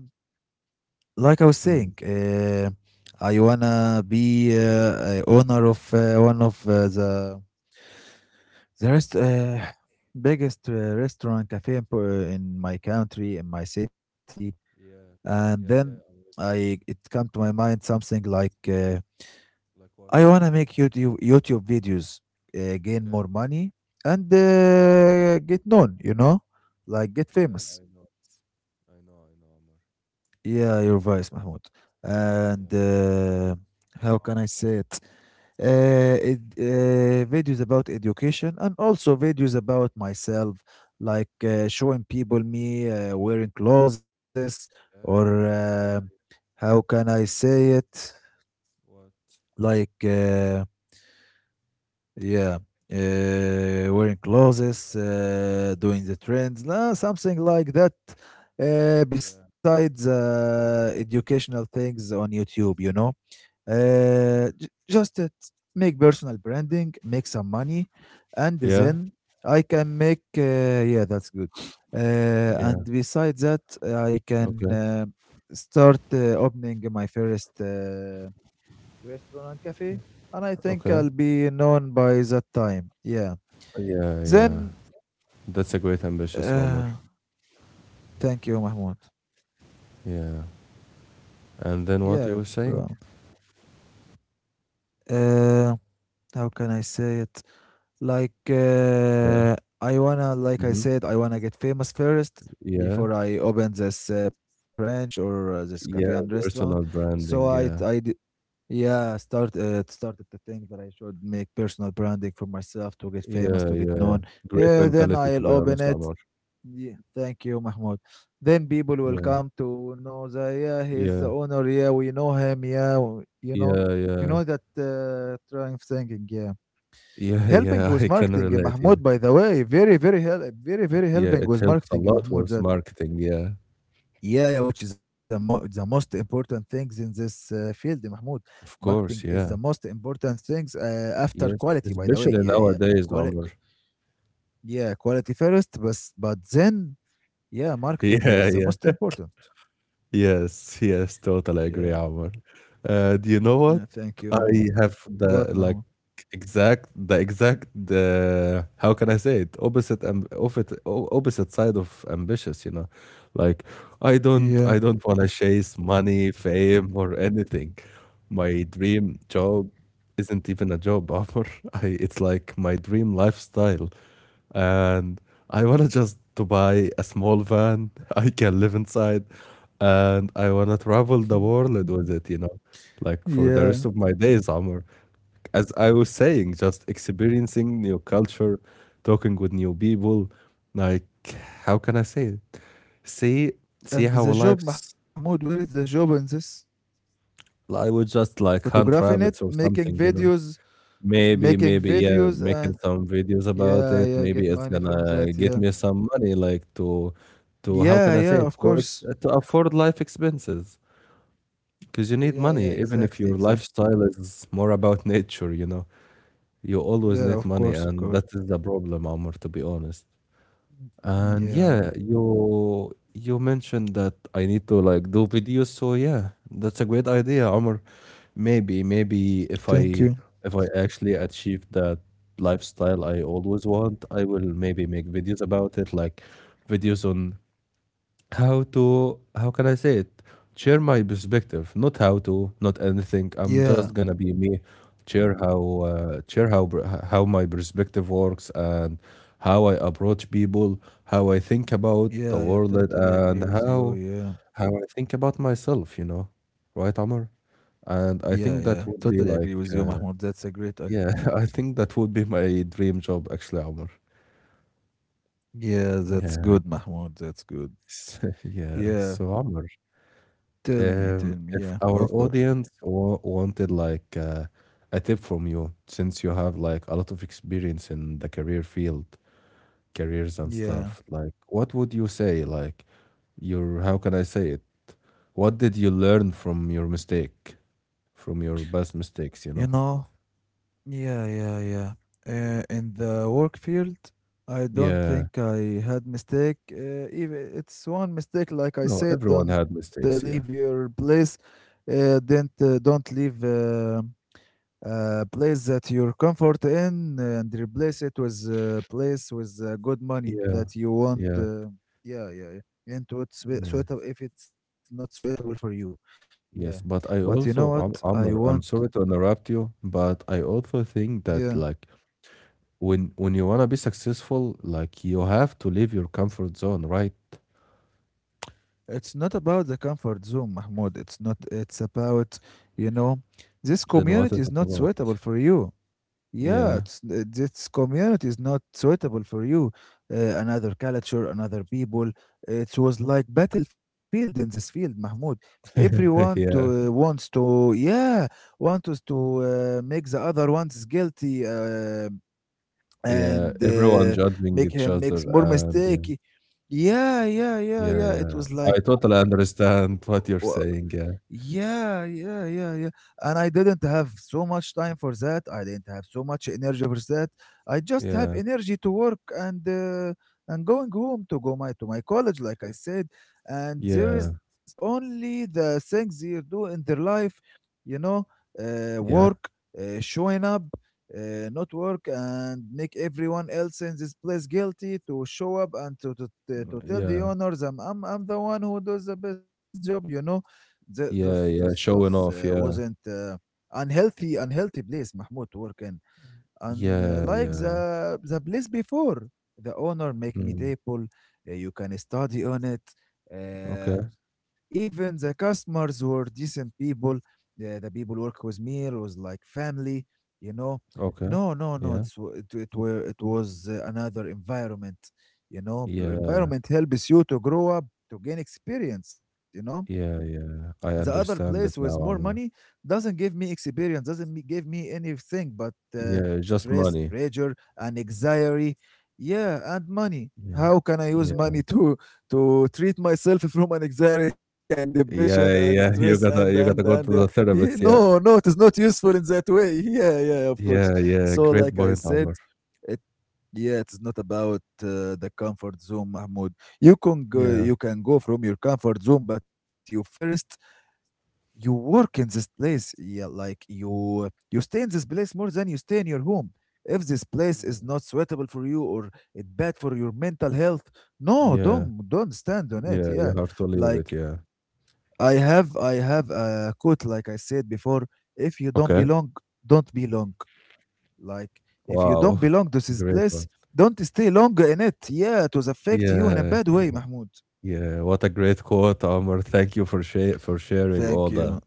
Speaker 2: Like I was
Speaker 1: Mm.
Speaker 2: saying, I wanna be a owner of one of the the rest, uh, biggest restaurant cafe in, in my country in my city.
Speaker 1: Yeah,
Speaker 2: And
Speaker 1: yeah, yeah.
Speaker 2: then
Speaker 1: I'm with you. Yeah.
Speaker 2: I it come to my mind something like.
Speaker 1: Like what?
Speaker 2: I want to make YouTube videos, gain
Speaker 1: Okay.
Speaker 2: more money, and
Speaker 1: Yeah,
Speaker 2: get known. You know, like get
Speaker 1: yeah.
Speaker 2: famous.
Speaker 1: I know. I know. I know.
Speaker 2: Yeah, your voice, Mahmoud. And
Speaker 1: Amor.
Speaker 2: how can I say it? Videos about education and also videos about myself, like showing people me wearing clothes
Speaker 1: Yeah, Amor.
Speaker 2: or
Speaker 1: Yeah, yeah.
Speaker 2: how can I say it?
Speaker 1: It's what?
Speaker 2: Like. Uh, Yeah, uh, wearing clothes,
Speaker 1: Like maybe.
Speaker 2: doing the trends, nah, something like that.
Speaker 1: Yeah,
Speaker 2: Besides educational things on YouTube, you know, uh,
Speaker 1: yeah.
Speaker 2: j- just it, make personal branding, make some money, and
Speaker 1: Yeah,
Speaker 2: then I can make. Yeah, that's good.
Speaker 1: yeah.
Speaker 2: And besides that, I
Speaker 1: Okay,
Speaker 2: can start opening my first restaurant and cafe, and I think
Speaker 1: okay.
Speaker 2: I'll be known by that time. Yeah.
Speaker 1: Yeah, yeah.
Speaker 2: Then,
Speaker 1: That's a great ambitious, Amor.
Speaker 2: uh, Thank you, Mahmoud.
Speaker 1: Yeah. And then
Speaker 2: Yeah,
Speaker 1: what you were
Speaker 2: go on.
Speaker 1: saying?
Speaker 2: Uh, how can I say it? Like,
Speaker 1: Yeah.
Speaker 2: I wanna, like I
Speaker 1: Mm-hmm.
Speaker 2: said, I wanna get famous first
Speaker 1: Yeah.
Speaker 2: before I open this branch or this cafe and
Speaker 1: Yeah,
Speaker 2: restaurant.
Speaker 1: personal
Speaker 2: So I,
Speaker 1: branding.
Speaker 2: I,
Speaker 1: Yeah,
Speaker 2: d- yeah, started to think that I should make personal branding for myself to get famous,
Speaker 1: yeah,
Speaker 2: to get
Speaker 1: yeah.
Speaker 2: known.
Speaker 1: Great
Speaker 2: Yeah, then
Speaker 1: mentality, to
Speaker 2: I'll
Speaker 1: be
Speaker 2: open
Speaker 1: honest,
Speaker 2: it.
Speaker 1: Amar.
Speaker 2: Yeah, thank you, Mahmoud. Then people will
Speaker 1: Yeah,
Speaker 2: come to know that yeah, he's
Speaker 1: yeah,
Speaker 2: the owner. Yeah, we know him. Yeah,
Speaker 1: yeah,
Speaker 2: you
Speaker 1: yeah,
Speaker 2: know that trying thinking. Yeah,
Speaker 1: yeah,
Speaker 2: helping
Speaker 1: yeah.
Speaker 2: with
Speaker 1: I can
Speaker 2: marketing,
Speaker 1: relate. Yeah,
Speaker 2: Mahmoud. By the way, very, very help, very, very
Speaker 1: yeah.
Speaker 2: helping
Speaker 1: It
Speaker 2: with
Speaker 1: helps a
Speaker 2: marketing,
Speaker 1: lot
Speaker 2: Mahmoud.
Speaker 1: with
Speaker 2: That
Speaker 1: marketing. Yeah,
Speaker 2: yeah, yeah, which is the most important things in this field, Mahmoud.
Speaker 1: of
Speaker 2: Marketing
Speaker 1: course.
Speaker 2: is the
Speaker 1: Yeah,
Speaker 2: most important things after
Speaker 1: yes,
Speaker 2: quality. By the way,
Speaker 1: especially
Speaker 2: yeah,
Speaker 1: nowadays,
Speaker 2: quality,
Speaker 1: Amar.
Speaker 2: yeah, quality first, but then yeah, marketing
Speaker 1: Yeah,
Speaker 2: is the most
Speaker 1: yeah.
Speaker 2: important.
Speaker 1: Yes, yes, totally
Speaker 2: Yeah,
Speaker 1: agree, Omar. Do you know
Speaker 2: yeah,
Speaker 1: what?
Speaker 2: thank you, Mahmoud.
Speaker 1: I have
Speaker 2: What,
Speaker 1: the like
Speaker 2: Mahmoud?
Speaker 1: exact the exact how can I say it? Opposite side of ambitious, you know. Like I don't I
Speaker 2: Yeah.
Speaker 1: don't want to chase money, fame, or anything. My dream job isn't even a job offer. It's like my dream lifestyle. And I want to just to buy a small van I can live inside and I want to travel the world with it, you know, like for
Speaker 2: yeah.
Speaker 1: the rest of my days, Amr. As I was saying, just experiencing new culture, talking with new people, like how can I say it? See, see
Speaker 2: And
Speaker 1: how a
Speaker 2: the job,
Speaker 1: life's.
Speaker 2: Mahmoud, where is the job in this?
Speaker 1: I would just like hunt
Speaker 2: Photographing it,
Speaker 1: rabbits or something, you know. Maybe,
Speaker 2: making
Speaker 1: maybe, yeah,
Speaker 2: videos,
Speaker 1: making
Speaker 2: and
Speaker 1: some videos about
Speaker 2: yeah,
Speaker 1: it.
Speaker 2: yeah, get
Speaker 1: Maybe it's
Speaker 2: money from
Speaker 1: gonna
Speaker 2: that.
Speaker 1: get
Speaker 2: Yeah.
Speaker 1: me some money, like to how
Speaker 2: Yeah,
Speaker 1: can I say
Speaker 2: yeah,
Speaker 1: it?
Speaker 2: of course.
Speaker 1: To afford life expenses, because you
Speaker 2: Yeah,
Speaker 1: need
Speaker 2: yeah,
Speaker 1: money,
Speaker 2: exactly,
Speaker 1: even if
Speaker 2: exactly.
Speaker 1: your lifestyle is more about nature, you know. You always
Speaker 2: Yeah, of
Speaker 1: need money,
Speaker 2: course, of
Speaker 1: and
Speaker 2: course.
Speaker 1: that is the problem, Omar, to be honest.
Speaker 2: Mm,
Speaker 1: And
Speaker 2: yeah,
Speaker 1: yeah, you mentioned that I need to like do videos, so yeah, that's a great idea, Omar. Maybe, maybe
Speaker 2: thank
Speaker 1: if
Speaker 2: you.
Speaker 1: I if I actually achieve that lifestyle I always want, I will maybe make videos about it, like videos on how to how can I say it? Share my perspective, not how to, not anything. I'm
Speaker 2: Yeah,
Speaker 1: just gonna be me. Share how br- h- how my perspective works and how I approach people, how I think about
Speaker 2: yeah,
Speaker 1: the
Speaker 2: yeah,
Speaker 1: world,
Speaker 2: totally agree
Speaker 1: and
Speaker 2: with you.
Speaker 1: how
Speaker 2: Yeah,
Speaker 1: how I think about myself. You know, right, Amar?
Speaker 2: yeah,
Speaker 1: And I
Speaker 2: yeah,
Speaker 1: think
Speaker 2: totally
Speaker 1: that would
Speaker 2: agree
Speaker 1: be
Speaker 2: with you,
Speaker 1: like,
Speaker 2: Mahmoud. That's a great idea.
Speaker 1: yeah, I think that would be my dream job, actually, Amar.
Speaker 2: Yeah, that's good,
Speaker 1: Yeah,
Speaker 2: Mahmoud. That's good.
Speaker 1: yeah.
Speaker 2: Yeah,
Speaker 1: So, Amar.
Speaker 2: tell me, tell me. Yeah, of
Speaker 1: If
Speaker 2: course.
Speaker 1: our audience wanted like a tip from you, since you have like a lot of experience in the career field, careers and
Speaker 2: Yeah,
Speaker 1: stuff, like what would you say? Like your, how can I say it? What did you learn from your mistake, from your past
Speaker 2: you
Speaker 1: mistakes, you know?
Speaker 2: know, yeah, yeah, yeah. In the work field, I don't
Speaker 1: Yeah.
Speaker 2: think I had mistake. If it's one mistake, like I
Speaker 1: No,
Speaker 2: said,
Speaker 1: everyone
Speaker 2: don't
Speaker 1: had
Speaker 2: leave
Speaker 1: mistakes, yeah.
Speaker 2: your place. Don't leave. A place that you're comfort in and replace it with a place with good money
Speaker 1: Yeah,
Speaker 2: that you want.
Speaker 1: yeah,
Speaker 2: Yeah, yeah, yeah. And what's
Speaker 1: yeah.
Speaker 2: suitable if it's not suitable for you. Yeah.
Speaker 1: Yes,
Speaker 2: But
Speaker 1: but
Speaker 2: you
Speaker 1: I
Speaker 2: know what?
Speaker 1: also,
Speaker 2: I want.
Speaker 1: Amr, I'm sorry to interrupt you, but I also think
Speaker 2: Yeah.
Speaker 1: that like when you wanna be successful, like, you have to leave your comfort zone, right?
Speaker 2: It's not about the comfort zone, Mahmoud. It's not. It's about, you know, this
Speaker 1: Then what
Speaker 2: community
Speaker 1: is
Speaker 2: is
Speaker 1: it
Speaker 2: not
Speaker 1: about?
Speaker 2: suitable for you. Yeah,
Speaker 1: Yeah.
Speaker 2: this community is not suitable for you. Another culture, another people. It was like battlefield in this field, Mahmoud. Everyone to
Speaker 1: Yeah.
Speaker 2: wants to yeah wants us to make the other ones guilty
Speaker 1: Yeah.
Speaker 2: and
Speaker 1: Everyone judging
Speaker 2: make
Speaker 1: each
Speaker 2: him
Speaker 1: other
Speaker 2: makes more
Speaker 1: and yeah.
Speaker 2: mistake. Yeah, yeah, yeah,
Speaker 1: Yeah,
Speaker 2: yeah. It
Speaker 1: yeah.
Speaker 2: was
Speaker 1: I
Speaker 2: like
Speaker 1: totally understand what you're saying, yeah.
Speaker 2: yeah, yeah, yeah, yeah. And I didn't have so much time for that. I didn't have so much energy for that. I just have
Speaker 1: Yeah.
Speaker 2: energy to work and and going home to my college, like I said. And there
Speaker 1: Yeah.
Speaker 2: is only the things they do in their life, you know,
Speaker 1: Yeah.
Speaker 2: work, showing up, not work, and make everyone else in this place guilty to show up and to tell the
Speaker 1: Yeah.
Speaker 2: owners, I'm the one who does the best job, you know. Those
Speaker 1: Yeah, yeah.
Speaker 2: those
Speaker 1: Showing off,
Speaker 2: wasn't
Speaker 1: yeah.
Speaker 2: unhealthy, unhealthy place, Mahmoud, to work in,
Speaker 1: Yeah,
Speaker 2: unlike
Speaker 1: yeah.
Speaker 2: the place before. The owner make me
Speaker 1: Mm.
Speaker 2: table you can study on it, uh,
Speaker 1: Okay,
Speaker 2: even the customers were decent people, the people work with me was like family, you know.
Speaker 1: okay.
Speaker 2: No, no, no,
Speaker 1: Yeah.
Speaker 2: it, were it was another environment. You know, the
Speaker 1: Yeah.
Speaker 2: environment helps you to grow up, to gain experience, you know.
Speaker 1: Yeah, yeah.
Speaker 2: The
Speaker 1: I
Speaker 2: other place
Speaker 1: understand
Speaker 2: with
Speaker 1: it
Speaker 2: more
Speaker 1: now,
Speaker 2: money
Speaker 1: Amr.
Speaker 2: doesn't give me experience, doesn't me- give me anything but
Speaker 1: Yeah, just
Speaker 2: stress,
Speaker 1: money.
Speaker 2: pressure, and anxiety. Yeah, and money,
Speaker 1: Yeah.
Speaker 2: how can I use
Speaker 1: Yeah.
Speaker 2: money to treat myself from an anxiety and depression and
Speaker 1: Yeah,
Speaker 2: stress
Speaker 1: yeah, you
Speaker 2: and
Speaker 1: gotta you gotta go to the
Speaker 2: yeah,
Speaker 1: therapist.
Speaker 2: no,
Speaker 1: Yeah,
Speaker 2: no, it is not useful in that way. Yeah, yeah, of course.
Speaker 1: yeah, yeah.
Speaker 2: So
Speaker 1: Great
Speaker 2: like I
Speaker 1: point,
Speaker 2: said,
Speaker 1: Omar.
Speaker 2: it yeah, it's not about the comfort zone, Mahmoud. You can go,
Speaker 1: Yeah,
Speaker 2: you can go from your comfort zone, but you first, you work in this place, yeah, like you stay in this place more than you stay in your home. If this place is
Speaker 1: yeah,
Speaker 2: not suitable for you or it bad for your mental health, no,
Speaker 1: yeah,
Speaker 2: don't, don't stand on
Speaker 1: yeah.
Speaker 2: it,
Speaker 1: You
Speaker 2: yeah.
Speaker 1: have to leave it. Yeah.
Speaker 2: Like I have, I have a quote, like I said before, if you don't
Speaker 1: Okay.
Speaker 2: belong, don't belong, like if you
Speaker 1: Wow.
Speaker 2: don't belong to this
Speaker 1: Great
Speaker 2: place,
Speaker 1: one.
Speaker 2: don't stay longer in it, yeah, it will affect you in a
Speaker 1: Yeah,
Speaker 2: bad way, Mahmoud.
Speaker 1: yeah. What a great quote, Omar. Thank you for share for
Speaker 2: Thank
Speaker 1: sharing
Speaker 2: you,
Speaker 1: all that.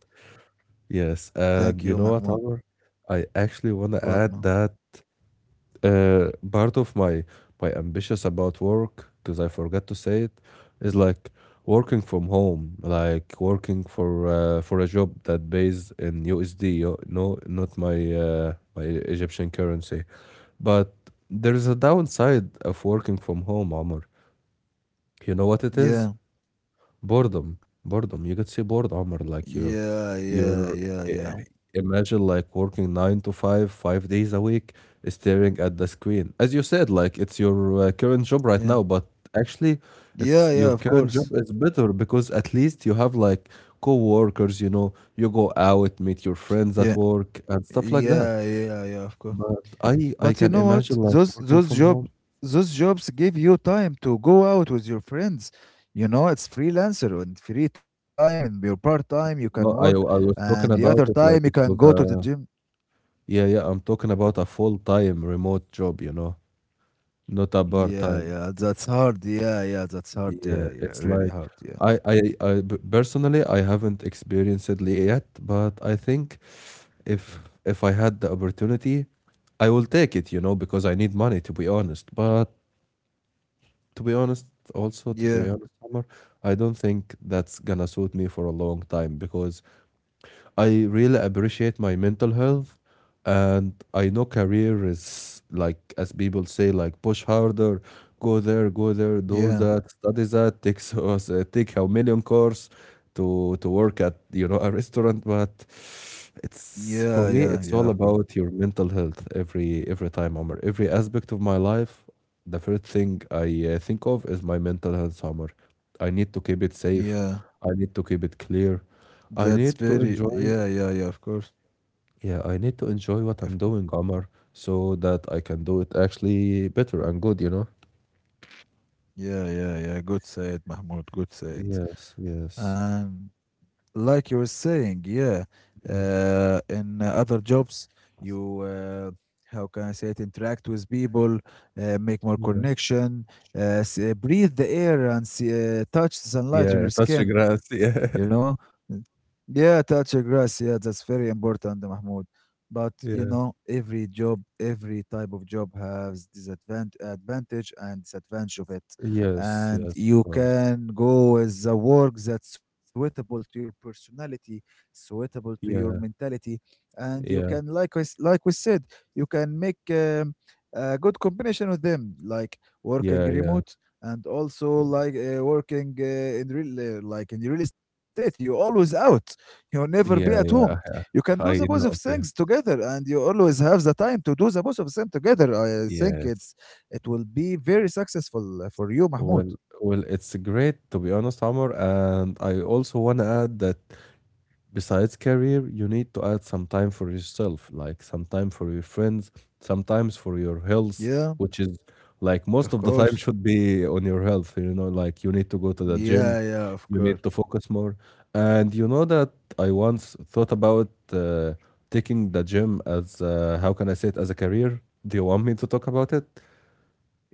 Speaker 1: Yes,
Speaker 2: thank
Speaker 1: and
Speaker 2: you,
Speaker 1: you know what,
Speaker 2: Mahmoud.
Speaker 1: Omar? I actually want to
Speaker 2: What,
Speaker 1: add
Speaker 2: no,
Speaker 1: that part of my ambitious about work because I forgot to say it is like working from home, like working for a job that pays in USD, no, not my Egyptian currency. But there is a downside of working from home, Amr. You know what it
Speaker 2: yeah.
Speaker 1: is? Boredom, boredom. You could say bored, Omar. Like
Speaker 2: Yeah,
Speaker 1: you,
Speaker 2: yeah, yeah,
Speaker 1: you're
Speaker 2: yeah.
Speaker 1: eh, imagine like working 9 to 5, 5 days a week, staring at the screen. As you said, like it's your current job right
Speaker 2: Yeah.
Speaker 1: now, but actually, it's
Speaker 2: Yeah,
Speaker 1: your
Speaker 2: yeah, of
Speaker 1: current job
Speaker 2: course.
Speaker 1: is better because at least you have like co-workers. You know, you go out, meet your
Speaker 2: Yeah.
Speaker 1: friends at work, and stuff like
Speaker 2: Yeah,
Speaker 1: that.
Speaker 2: yeah, yeah, of course.
Speaker 1: But I
Speaker 2: But you
Speaker 1: can
Speaker 2: know
Speaker 1: imagine
Speaker 2: what?
Speaker 1: like working
Speaker 2: Those
Speaker 1: from
Speaker 2: job
Speaker 1: home.
Speaker 2: those jobs give you time to go out with your friends. You know, it's freelancer and free time and your part time you can
Speaker 1: No, I
Speaker 2: work,
Speaker 1: was talking
Speaker 2: and the
Speaker 1: about
Speaker 2: other
Speaker 1: it like
Speaker 2: time
Speaker 1: if
Speaker 2: you
Speaker 1: it was
Speaker 2: can go to
Speaker 1: a.
Speaker 2: the gym.
Speaker 1: Yeah, yeah, I'm talking about a full-time remote job, you know, not a part-time.
Speaker 2: Yeah, yeah, that's hard. Yeah, yeah, that's
Speaker 1: Yeah,
Speaker 2: hard. Yeah,
Speaker 1: it's
Speaker 2: yeah,
Speaker 1: like
Speaker 2: really hard. Yeah.
Speaker 1: personally I haven't experienced it yet, but I think if if I had the opportunity, I will take it, you know, because I need money to be honest. But to be also to be honest,
Speaker 2: Yeah.
Speaker 1: Omar, I don't think that's gonna suit me for a long time because I really appreciate my mental health. And I know career is like, as people say, like push harder, go there, go there, do that,
Speaker 2: Yeah.
Speaker 1: study that, take take a million course to work at, you know, a restaurant. But it's, for
Speaker 2: Yeah,
Speaker 1: me, it's
Speaker 2: yeah,
Speaker 1: all
Speaker 2: yeah, of
Speaker 1: about
Speaker 2: course.
Speaker 1: your mental health. Every time, Omar, every aspect of my life, the first thing I think of is my mental health, Omar. I need to keep it safe. I
Speaker 2: Yeah.
Speaker 1: need to keep it clear. I
Speaker 2: That's
Speaker 1: need to
Speaker 2: very
Speaker 1: enjoy,
Speaker 2: yeah, yeah, yeah, of course.
Speaker 1: yeah, I need to enjoy what I'm doing,
Speaker 2: Of- of-
Speaker 1: Omar, so that I can do it actually better and good, you know?
Speaker 2: Yeah, yeah, yeah. Good said, Mahmoud. Good said.
Speaker 1: Yes, yes.
Speaker 2: And like you were saying, yeah,
Speaker 1: Yeah,
Speaker 2: in other jobs, you how can I say it? Interact with people, make more
Speaker 1: yeah.
Speaker 2: connection, breathe the air, and see, touch the
Speaker 1: Yeah,
Speaker 2: sunlight on your
Speaker 1: touch the
Speaker 2: skin.
Speaker 1: grass. Yeah.
Speaker 2: You know, mm, yeah, touch the grass. Yeah, that's very important, Mahmoud. But you
Speaker 1: Yeah.
Speaker 2: know, every job, every type of job has disadvantage, advantage and disadvantage of it,
Speaker 1: Yes,
Speaker 2: and
Speaker 1: yes, of
Speaker 2: you
Speaker 1: course.
Speaker 2: can go with the work that's suitable to your personality, suitable to your
Speaker 1: Yeah,
Speaker 2: mentality, and you can
Speaker 1: yeah,
Speaker 2: like I s like we said, you can make a good combination with them, like working
Speaker 1: yeah, yeah,
Speaker 2: remote and also
Speaker 1: yeah,
Speaker 2: like working in real like in real estate. You always out. You'll never
Speaker 1: yeah,
Speaker 2: be at
Speaker 1: yeah.
Speaker 2: home. You can do
Speaker 1: I
Speaker 2: the both of
Speaker 1: know. Yeah.
Speaker 2: things together, and you always have the time to do the both of them together. I think
Speaker 1: Yes.
Speaker 2: it's it will be very successful for you, Mahmoud.
Speaker 1: Well, well, it's great to be honest, Omar, and I also want to add that besides career, you need to add some time for yourself, like some time for your friends, sometimes for your health,
Speaker 2: Yeah,
Speaker 1: which is like most
Speaker 2: of
Speaker 1: of the time
Speaker 2: course.
Speaker 1: should be on your health. You know, like you need to go to the
Speaker 2: Yeah,
Speaker 1: gym,
Speaker 2: yeah, of
Speaker 1: you
Speaker 2: course.
Speaker 1: need to focus more. And you know that I once thought about taking the gym as, how can I say it, as a career. Do you want me to talk about it?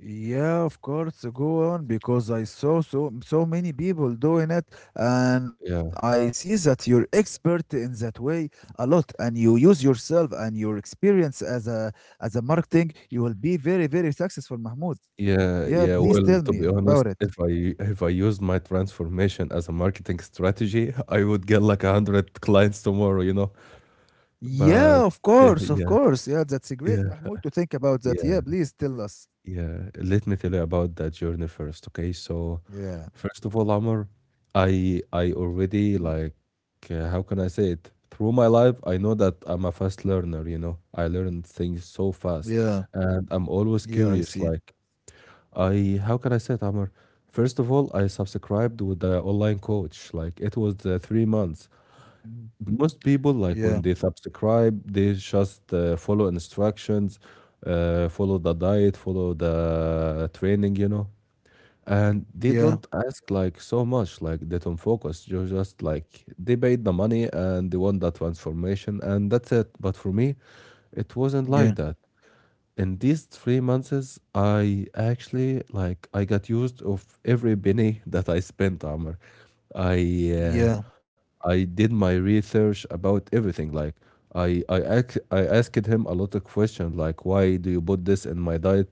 Speaker 2: Yeah, of course. Go on, because I saw so so many people doing it, and I
Speaker 1: Yeah.
Speaker 2: see that you're expert in that way a lot, and you use yourself and your experience as a marketing. You will be very very successful, Mahmoud.
Speaker 1: Yeah,
Speaker 2: Yeah,
Speaker 1: yeah.
Speaker 2: please
Speaker 1: Well,
Speaker 2: tell
Speaker 1: to
Speaker 2: me
Speaker 1: be honest,
Speaker 2: about it.
Speaker 1: if I use my transformation as a marketing strategy, I would get like a hundred clients tomorrow, you know.
Speaker 2: Yeah, of
Speaker 1: But yeah,
Speaker 2: course, of
Speaker 1: yeah,
Speaker 2: course. Yeah, that's a great,
Speaker 1: yeah,
Speaker 2: Mahmoud, to think about that.
Speaker 1: yeah,
Speaker 2: Yeah, please tell us.
Speaker 1: yeah. Let me tell you about that journey first, okay? So,
Speaker 2: Yeah.
Speaker 1: first of all, Amr, I already like, how can I say it? Through my life, I know that I'm a fast learner, you know. I learn things so fast,
Speaker 2: Yeah,
Speaker 1: and I'm always
Speaker 2: yeah, I
Speaker 1: curious,
Speaker 2: see.
Speaker 1: like. I, how can I say it, Amr? First of all, I subscribed with the online coach. Like it was, 3 months.
Speaker 2: Mhm.
Speaker 1: Most people
Speaker 2: Yeah,
Speaker 1: like when they subscribe, they just, follow instructions, follow the diet, follow the training, you know, and they don't
Speaker 2: yeah,
Speaker 1: ask like so much. Like they don't focus. You just like they paid the money and they want that transformation, and that's it. But for me, it wasn't
Speaker 2: yeah,
Speaker 1: like that. In these 3 months, I actually like I got used of every penny that I spent, Amr. I
Speaker 2: yeah,
Speaker 1: I did my research about everything. Like I asked him a lot of questions, like, why do you put this in my diet?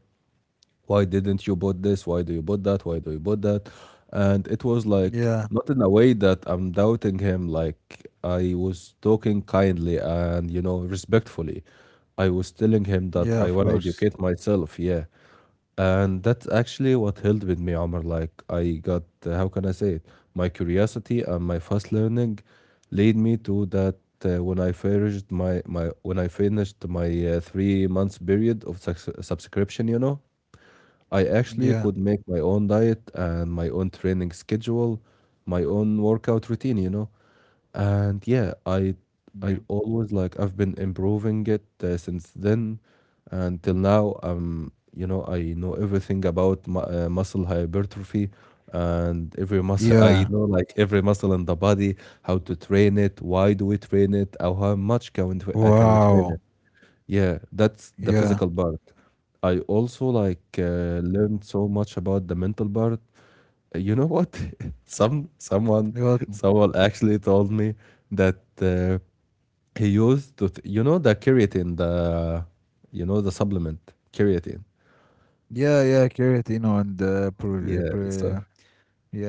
Speaker 1: Why didn't you bought this? Why do you bought that? Why do you bought that? And it was like not
Speaker 2: yeah,
Speaker 1: in a way that I'm doubting him. Like I was talking kindly and, you know, respectfully. I was telling him that
Speaker 2: yeah,
Speaker 1: I
Speaker 2: of
Speaker 1: want to
Speaker 2: course.
Speaker 1: educate myself, yeah. And that's actually what helped with me, Omar. Like I got, how can I say it, my curiosity and my fast learning led me to that. Uh, when I finished my when I finished my, 3 months period of suc subscription, you know, I actually could
Speaker 2: Yeah,
Speaker 1: make my own diet and my own training schedule, my own workout routine, you know. And yeah,
Speaker 2: yeah,
Speaker 1: I always like I've been improving it, since then and till now. Um, you know, I know everything about mu muscle hypertrophy and every muscle. I know
Speaker 2: yeah.
Speaker 1: like every muscle in the body, how to train it, why do we train it, how much can we, tra- can we train it?
Speaker 2: Wow.
Speaker 1: Yeah, that's the physical
Speaker 2: Yeah.
Speaker 1: part. I also like, learned so much about the mental part. You know what? Someone
Speaker 2: What?
Speaker 1: someone actually told me that, he used to you know, the creatine, the you know the supplement creatine.
Speaker 2: Yeah, yeah, carrot, you know, and
Speaker 1: Yeah. So
Speaker 2: pro,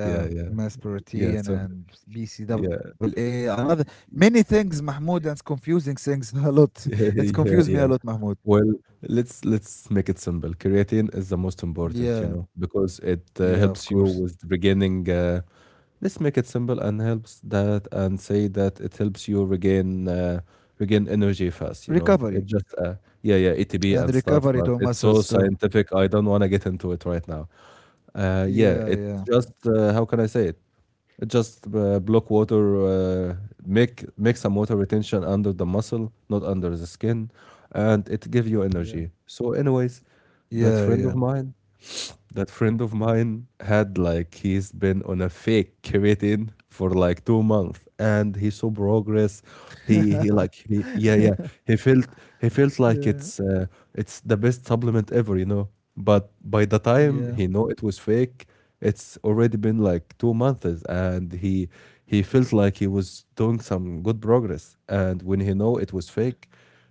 Speaker 1: yeah, yeah,
Speaker 2: yeah, mass
Speaker 1: yeah. So
Speaker 2: protein and
Speaker 1: yeah,
Speaker 2: BCAA, another many things, Mahmoud, and it's confusing things a lot.
Speaker 1: yeah,
Speaker 2: It's
Speaker 1: yeah,
Speaker 2: confused me
Speaker 1: yeah.
Speaker 2: a lot, Mahmoud.
Speaker 1: Well, let's make it simple. Creatine is the most important, you
Speaker 2: Yeah,
Speaker 1: know, because it,
Speaker 2: yeah, of
Speaker 1: helps you
Speaker 2: course.
Speaker 1: with regaining. Let's make it simple and helps that and say that it helps you regain, regain energy fast. You know,
Speaker 2: Recovery
Speaker 1: it just, yeah yeah, ATP
Speaker 2: and
Speaker 1: and stuff,
Speaker 2: recovery
Speaker 1: but
Speaker 2: to
Speaker 1: it's so
Speaker 2: muscles too.
Speaker 1: scientific. I don't want to get into it right now. Yeah,
Speaker 2: Yeah,
Speaker 1: it
Speaker 2: yeah,
Speaker 1: just, how can I say it? Just, block water, make some water retention under the muscle, not under the skin, and it give you
Speaker 2: yeah.
Speaker 1: energy. So, anyways, that
Speaker 2: Yeah,
Speaker 1: friend
Speaker 2: yeah.
Speaker 1: of mine, that friend of mine had like he's been on a fake creatine for like 2 months and he saw progress. he he like he yeah yeah, he felt he felt like
Speaker 2: yeah,
Speaker 1: it's, it's the best supplement ever, you know. But by the time
Speaker 2: yeah.
Speaker 1: he know it was fake, it's already been like 2 months, and he felt like he was doing some good progress. And when he know it was fake,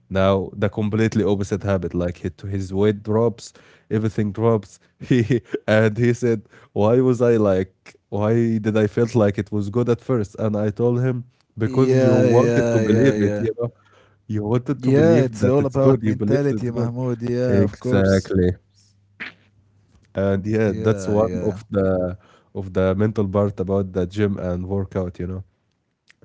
Speaker 1: now the completely opposite happened. Like his weight drops, everything drops. He and he said, "Why was I like? Why did I felt like it was good at first?" And I told him,
Speaker 2: Yeah,
Speaker 1: "Because you
Speaker 2: yeah,
Speaker 1: wanted
Speaker 2: yeah,
Speaker 1: to
Speaker 2: yeah.
Speaker 1: believe it. You know, you wanted to
Speaker 2: Yeah, it's
Speaker 1: believe that
Speaker 2: all
Speaker 1: it's
Speaker 2: about
Speaker 1: good. You believed
Speaker 2: mentality,
Speaker 1: it's good.
Speaker 2: Mahmoud. Yeah, of course.
Speaker 1: Exactly. And yeah, that's
Speaker 2: Yeah,
Speaker 1: one
Speaker 2: yeah.
Speaker 1: of the mental part about the gym and workout. You know.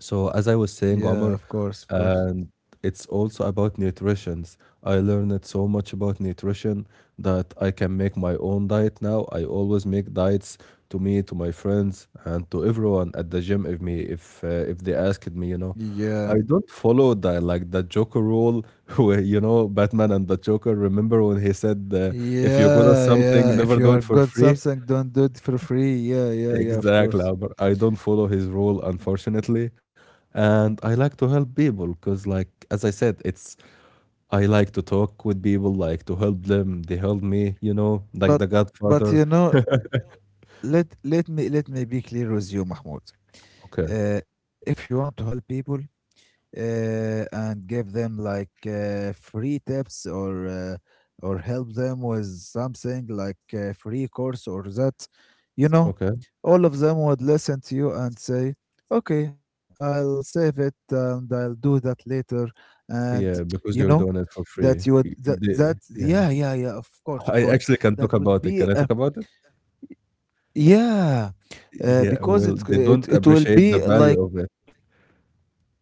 Speaker 1: So as I was
Speaker 2: Yeah,
Speaker 1: saying,
Speaker 2: of
Speaker 1: Omar,
Speaker 2: course, of course.
Speaker 1: and it's also about nutritions. I learned so much about nutrition that I can make my own diet now. I always make diets to me, to my friends, and to everyone at the gym, if they asked me, you know.
Speaker 2: Yeah.
Speaker 1: I don't follow the like the Joker rule where you know Batman and the Joker. Remember when he said, "If you good at
Speaker 2: Yeah,
Speaker 1: something,
Speaker 2: yeah. If
Speaker 1: never
Speaker 2: you
Speaker 1: do
Speaker 2: are
Speaker 1: it for
Speaker 2: good
Speaker 1: free."
Speaker 2: something, don't do it for free. Yeah, yeah, yeah, of
Speaker 1: Exactly.
Speaker 2: course.
Speaker 1: Albert. I don't follow his rule, unfortunately. And I like to help people because, like, as I said, it's I like to talk with people, like to help them. They help me, you know, like
Speaker 2: But
Speaker 1: the
Speaker 2: but
Speaker 1: Godfather.
Speaker 2: you know, let me, let me be clear with you, Mahmoud.
Speaker 1: Okay,
Speaker 2: If you want to help people, and give them like free tips or help them with something like a free course or that, you know,
Speaker 1: okay,
Speaker 2: all of them would listen to you and say okay, I'll save it and I'll do that later, and
Speaker 1: yeah,
Speaker 2: you
Speaker 1: because
Speaker 2: know,
Speaker 1: you're doing it for
Speaker 2: that you
Speaker 1: free.
Speaker 2: would that, that
Speaker 1: Yeah,
Speaker 2: yeah, yeah, yeah, of course, of
Speaker 1: I
Speaker 2: course,
Speaker 1: actually can
Speaker 2: that
Speaker 1: talk
Speaker 2: would
Speaker 1: about it.
Speaker 2: be
Speaker 1: Can I
Speaker 2: a
Speaker 1: talk about it?
Speaker 2: yeah,
Speaker 1: Yeah, well, they
Speaker 2: it
Speaker 1: don't
Speaker 2: it will
Speaker 1: appreciate the
Speaker 2: be
Speaker 1: value
Speaker 2: like.
Speaker 1: of it.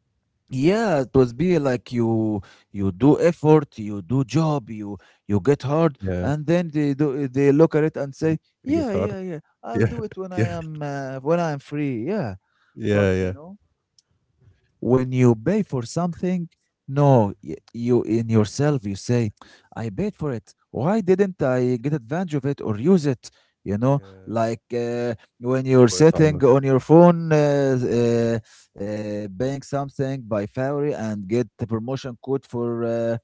Speaker 2: Yeah, it was be like you do effort, you do job, you get hard,
Speaker 1: Yeah,
Speaker 2: and then they do, they look at it and say,
Speaker 1: I get
Speaker 2: yeah,
Speaker 1: hard.
Speaker 2: yeah, yeah, I'll
Speaker 1: Yeah,
Speaker 2: do it when I
Speaker 1: yeah,
Speaker 2: am when I'm free. Yeah,
Speaker 1: yeah,
Speaker 2: but you
Speaker 1: yeah.
Speaker 2: know, when you pay for something, no y- you in yourself you say, I paid for it, why didn't I get advantage of it or use it? You know,
Speaker 1: Yeah,
Speaker 2: like when
Speaker 1: great
Speaker 2: you're
Speaker 1: point,
Speaker 2: sitting
Speaker 1: Amr.
Speaker 2: on your phone, buying something by february and get the promotion code for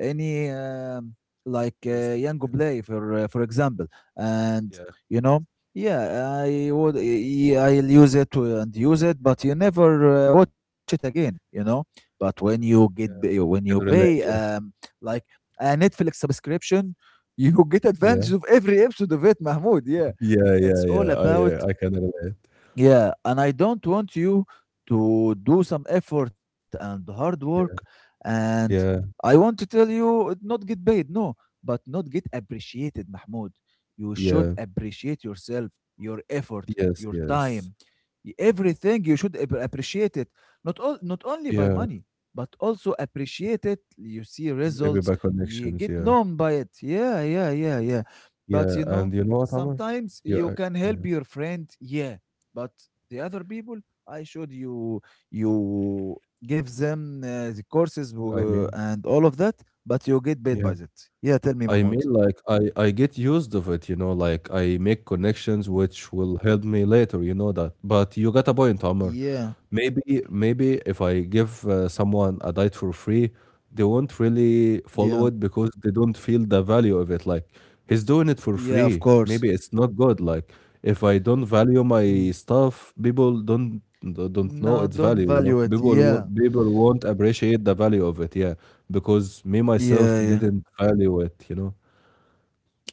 Speaker 2: any like
Speaker 1: Restaurant.
Speaker 2: young
Speaker 1: Yeah,
Speaker 2: play for example, and
Speaker 1: yeah,
Speaker 2: you know, yeah I would, yeah, I'll use it and use it, but you never watch it again, you know. But when you
Speaker 1: yeah. Yeah.
Speaker 2: when you
Speaker 1: Can
Speaker 2: pay
Speaker 1: relate, yeah.
Speaker 2: like a Netflix subscription, you get
Speaker 1: Yeah.
Speaker 2: advantage of every episode of it, Mahmoud. Yeah,
Speaker 1: Yeah, yeah,
Speaker 2: it's all
Speaker 1: yeah. I,
Speaker 2: about
Speaker 1: I can relate.
Speaker 2: yeah, and I don't want you to do some effort and hard work.
Speaker 1: Yeah.
Speaker 2: And
Speaker 1: Yeah,
Speaker 2: I want to tell you, it not get paid, no, but not get appreciated, Mahmoud. You should
Speaker 1: yeah.
Speaker 2: appreciate yourself, your effort,
Speaker 1: Yes,
Speaker 2: your
Speaker 1: yes.
Speaker 2: time, everything. You should appreciate it, not all, not only by
Speaker 1: Yeah,
Speaker 2: money, but also appreciate it. You see
Speaker 1: maybe
Speaker 2: results,
Speaker 1: by
Speaker 2: you
Speaker 1: connections,
Speaker 2: get
Speaker 1: yeah.
Speaker 2: known by it. Yeah, yeah, yeah, yeah. But
Speaker 1: Yeah,
Speaker 2: you
Speaker 1: and
Speaker 2: know,
Speaker 1: you know what, Amr?
Speaker 2: sometimes
Speaker 1: Yeah,
Speaker 2: you
Speaker 1: I,
Speaker 2: can
Speaker 1: yeah,
Speaker 2: help your friend. Yeah, but the other people, I showed you, you give them the courses
Speaker 1: I mean,
Speaker 2: and all of that, but you get paid
Speaker 1: yeah.
Speaker 2: by that. Yeah, tell me,
Speaker 1: I mean,
Speaker 2: Mahmoud.
Speaker 1: like, I get used of it, you know, like, I make connections
Speaker 2: "Mm,
Speaker 1: which will help me later, you know that. But you got a point, Amr.
Speaker 2: yeah,
Speaker 1: Maybe, maybe if I give, someone a diet for free, they won't really
Speaker 2: yeah,
Speaker 1: follow it because they don't feel the value of it. Like he's doing it for
Speaker 2: yeah, of
Speaker 1: free.
Speaker 2: course.
Speaker 1: Maybe it's not good. Like if I don't value my
Speaker 2: Mm.
Speaker 1: stuff, people don't know
Speaker 2: No,
Speaker 1: its
Speaker 2: don't
Speaker 1: value. You know,
Speaker 2: value it. Yeah,
Speaker 1: people won't appreciate the value of it. Yeah, because me
Speaker 2: yeah,
Speaker 1: myself
Speaker 2: yeah,
Speaker 1: didn't value it. You know.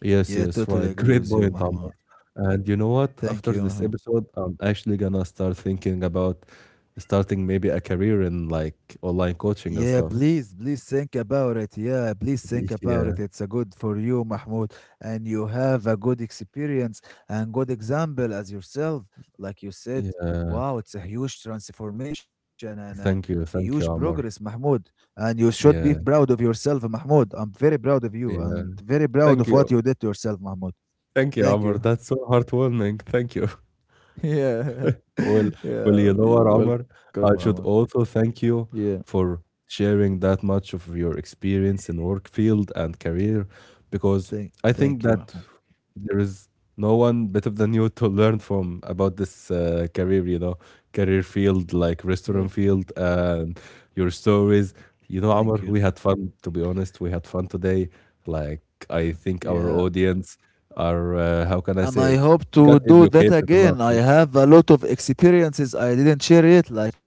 Speaker 1: Yes,
Speaker 2: yeah,
Speaker 1: yes,
Speaker 2: totally
Speaker 1: right.
Speaker 2: agree
Speaker 1: Great
Speaker 2: with you,
Speaker 1: point, Amr.
Speaker 2: Mahmoud.
Speaker 1: And you know what?
Speaker 2: Thank
Speaker 1: After
Speaker 2: you,
Speaker 1: this
Speaker 2: Mahmoud.
Speaker 1: episode, I'm actually gonna start thinking about starting maybe a career in like online
Speaker 2: Yeah,
Speaker 1: coaching and stuff.
Speaker 2: please, please think about it. Yeah, please think about it.
Speaker 1: Yeah,
Speaker 2: It's a good for you, Mahmoud, and you have a good experience and good example as yourself. Like you said,
Speaker 1: yeah.
Speaker 2: wow, it's a huge transformation and a huge
Speaker 1: Thank you,
Speaker 2: progress,
Speaker 1: Amr.
Speaker 2: Mahmoud. And you should be
Speaker 1: Yeah,
Speaker 2: proud of yourself, Mahmoud. I'm very proud of you
Speaker 1: yeah.
Speaker 2: and very proud
Speaker 1: Thank
Speaker 2: of what
Speaker 1: you,
Speaker 2: you did to yourself, Mahmoud.
Speaker 1: thank you,
Speaker 2: Thank
Speaker 1: Amr.
Speaker 2: you.
Speaker 1: That's so heartwarming. Thank you.
Speaker 2: Yeah,
Speaker 1: Well, well,
Speaker 2: yeah,
Speaker 1: you know
Speaker 2: you're
Speaker 1: what, Omar?
Speaker 2: welcome, Ahmed.
Speaker 1: I should also thank
Speaker 2: Yeah,
Speaker 1: you for sharing that much of your experience in work field and career, because
Speaker 2: thank,
Speaker 1: I think
Speaker 2: thank you,
Speaker 1: that
Speaker 2: Mahmoud.
Speaker 1: there is no one better than you to learn from about this, career, you know, career field like
Speaker 2: Yes.
Speaker 1: restaurant field and your stories. You know,
Speaker 2: Thank you.
Speaker 1: Omar, we had fun, to be honest. We had fun today. Like, I think our
Speaker 2: Yeah.
Speaker 1: audience are, how can I
Speaker 2: And
Speaker 1: say
Speaker 2: I
Speaker 1: it,
Speaker 2: hope
Speaker 1: got
Speaker 2: to do that
Speaker 1: educated enough.
Speaker 2: again. I
Speaker 1: Yeah,
Speaker 2: have a lot of experiences I didn't share it, like in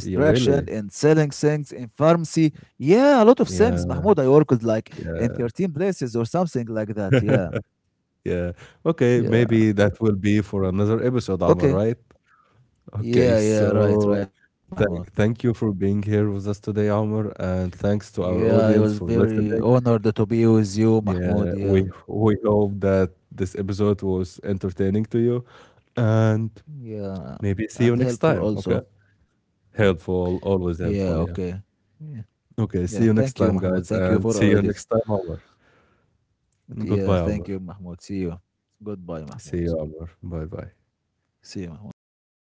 Speaker 1: yeah,
Speaker 2: in
Speaker 1: really.
Speaker 2: selling things, in pharmacy. Yeah, a lot of things, Mahmoud.
Speaker 1: Yeah,
Speaker 2: I worked like in
Speaker 1: yeah,
Speaker 2: 13 places or something like that. Yeah,
Speaker 1: yeah. Okay,
Speaker 2: yeah.
Speaker 1: maybe that will be for another episode, Amr,
Speaker 2: Okay.
Speaker 1: right? Okay,
Speaker 2: Yeah, yeah, right,
Speaker 1: so
Speaker 2: right, Mahmoud.
Speaker 1: thank you for being here with us today, Amr, and thanks to our
Speaker 2: Yeah, I was
Speaker 1: audience for
Speaker 2: very
Speaker 1: listening.
Speaker 2: honored to be with you,
Speaker 1: Yeah,
Speaker 2: Mahmoud. Yeah,
Speaker 1: we hope that this episode was entertaining to you, and
Speaker 2: yeah,
Speaker 1: maybe see you
Speaker 2: and
Speaker 1: next
Speaker 2: helpful
Speaker 1: time. Okay,
Speaker 2: also.
Speaker 1: helpful,
Speaker 2: Yeah,
Speaker 1: always helpful.
Speaker 2: okay.
Speaker 1: Yeah.
Speaker 2: Yeah, yeah.
Speaker 1: Okay, see
Speaker 2: Thank
Speaker 1: you
Speaker 2: you,
Speaker 1: next time,
Speaker 2: Mahmoud. Thank
Speaker 1: guys,
Speaker 2: you for
Speaker 1: and
Speaker 2: our
Speaker 1: see you
Speaker 2: audience.
Speaker 1: next time, Amr.
Speaker 2: But yeah,
Speaker 1: Goodbye,
Speaker 2: thank
Speaker 1: Amr.
Speaker 2: you, Mahmoud. See you. Goodbye, Mahmoud.
Speaker 1: See you, Amr. Bye, bye.
Speaker 2: See you, Mahmoud. Bye bye.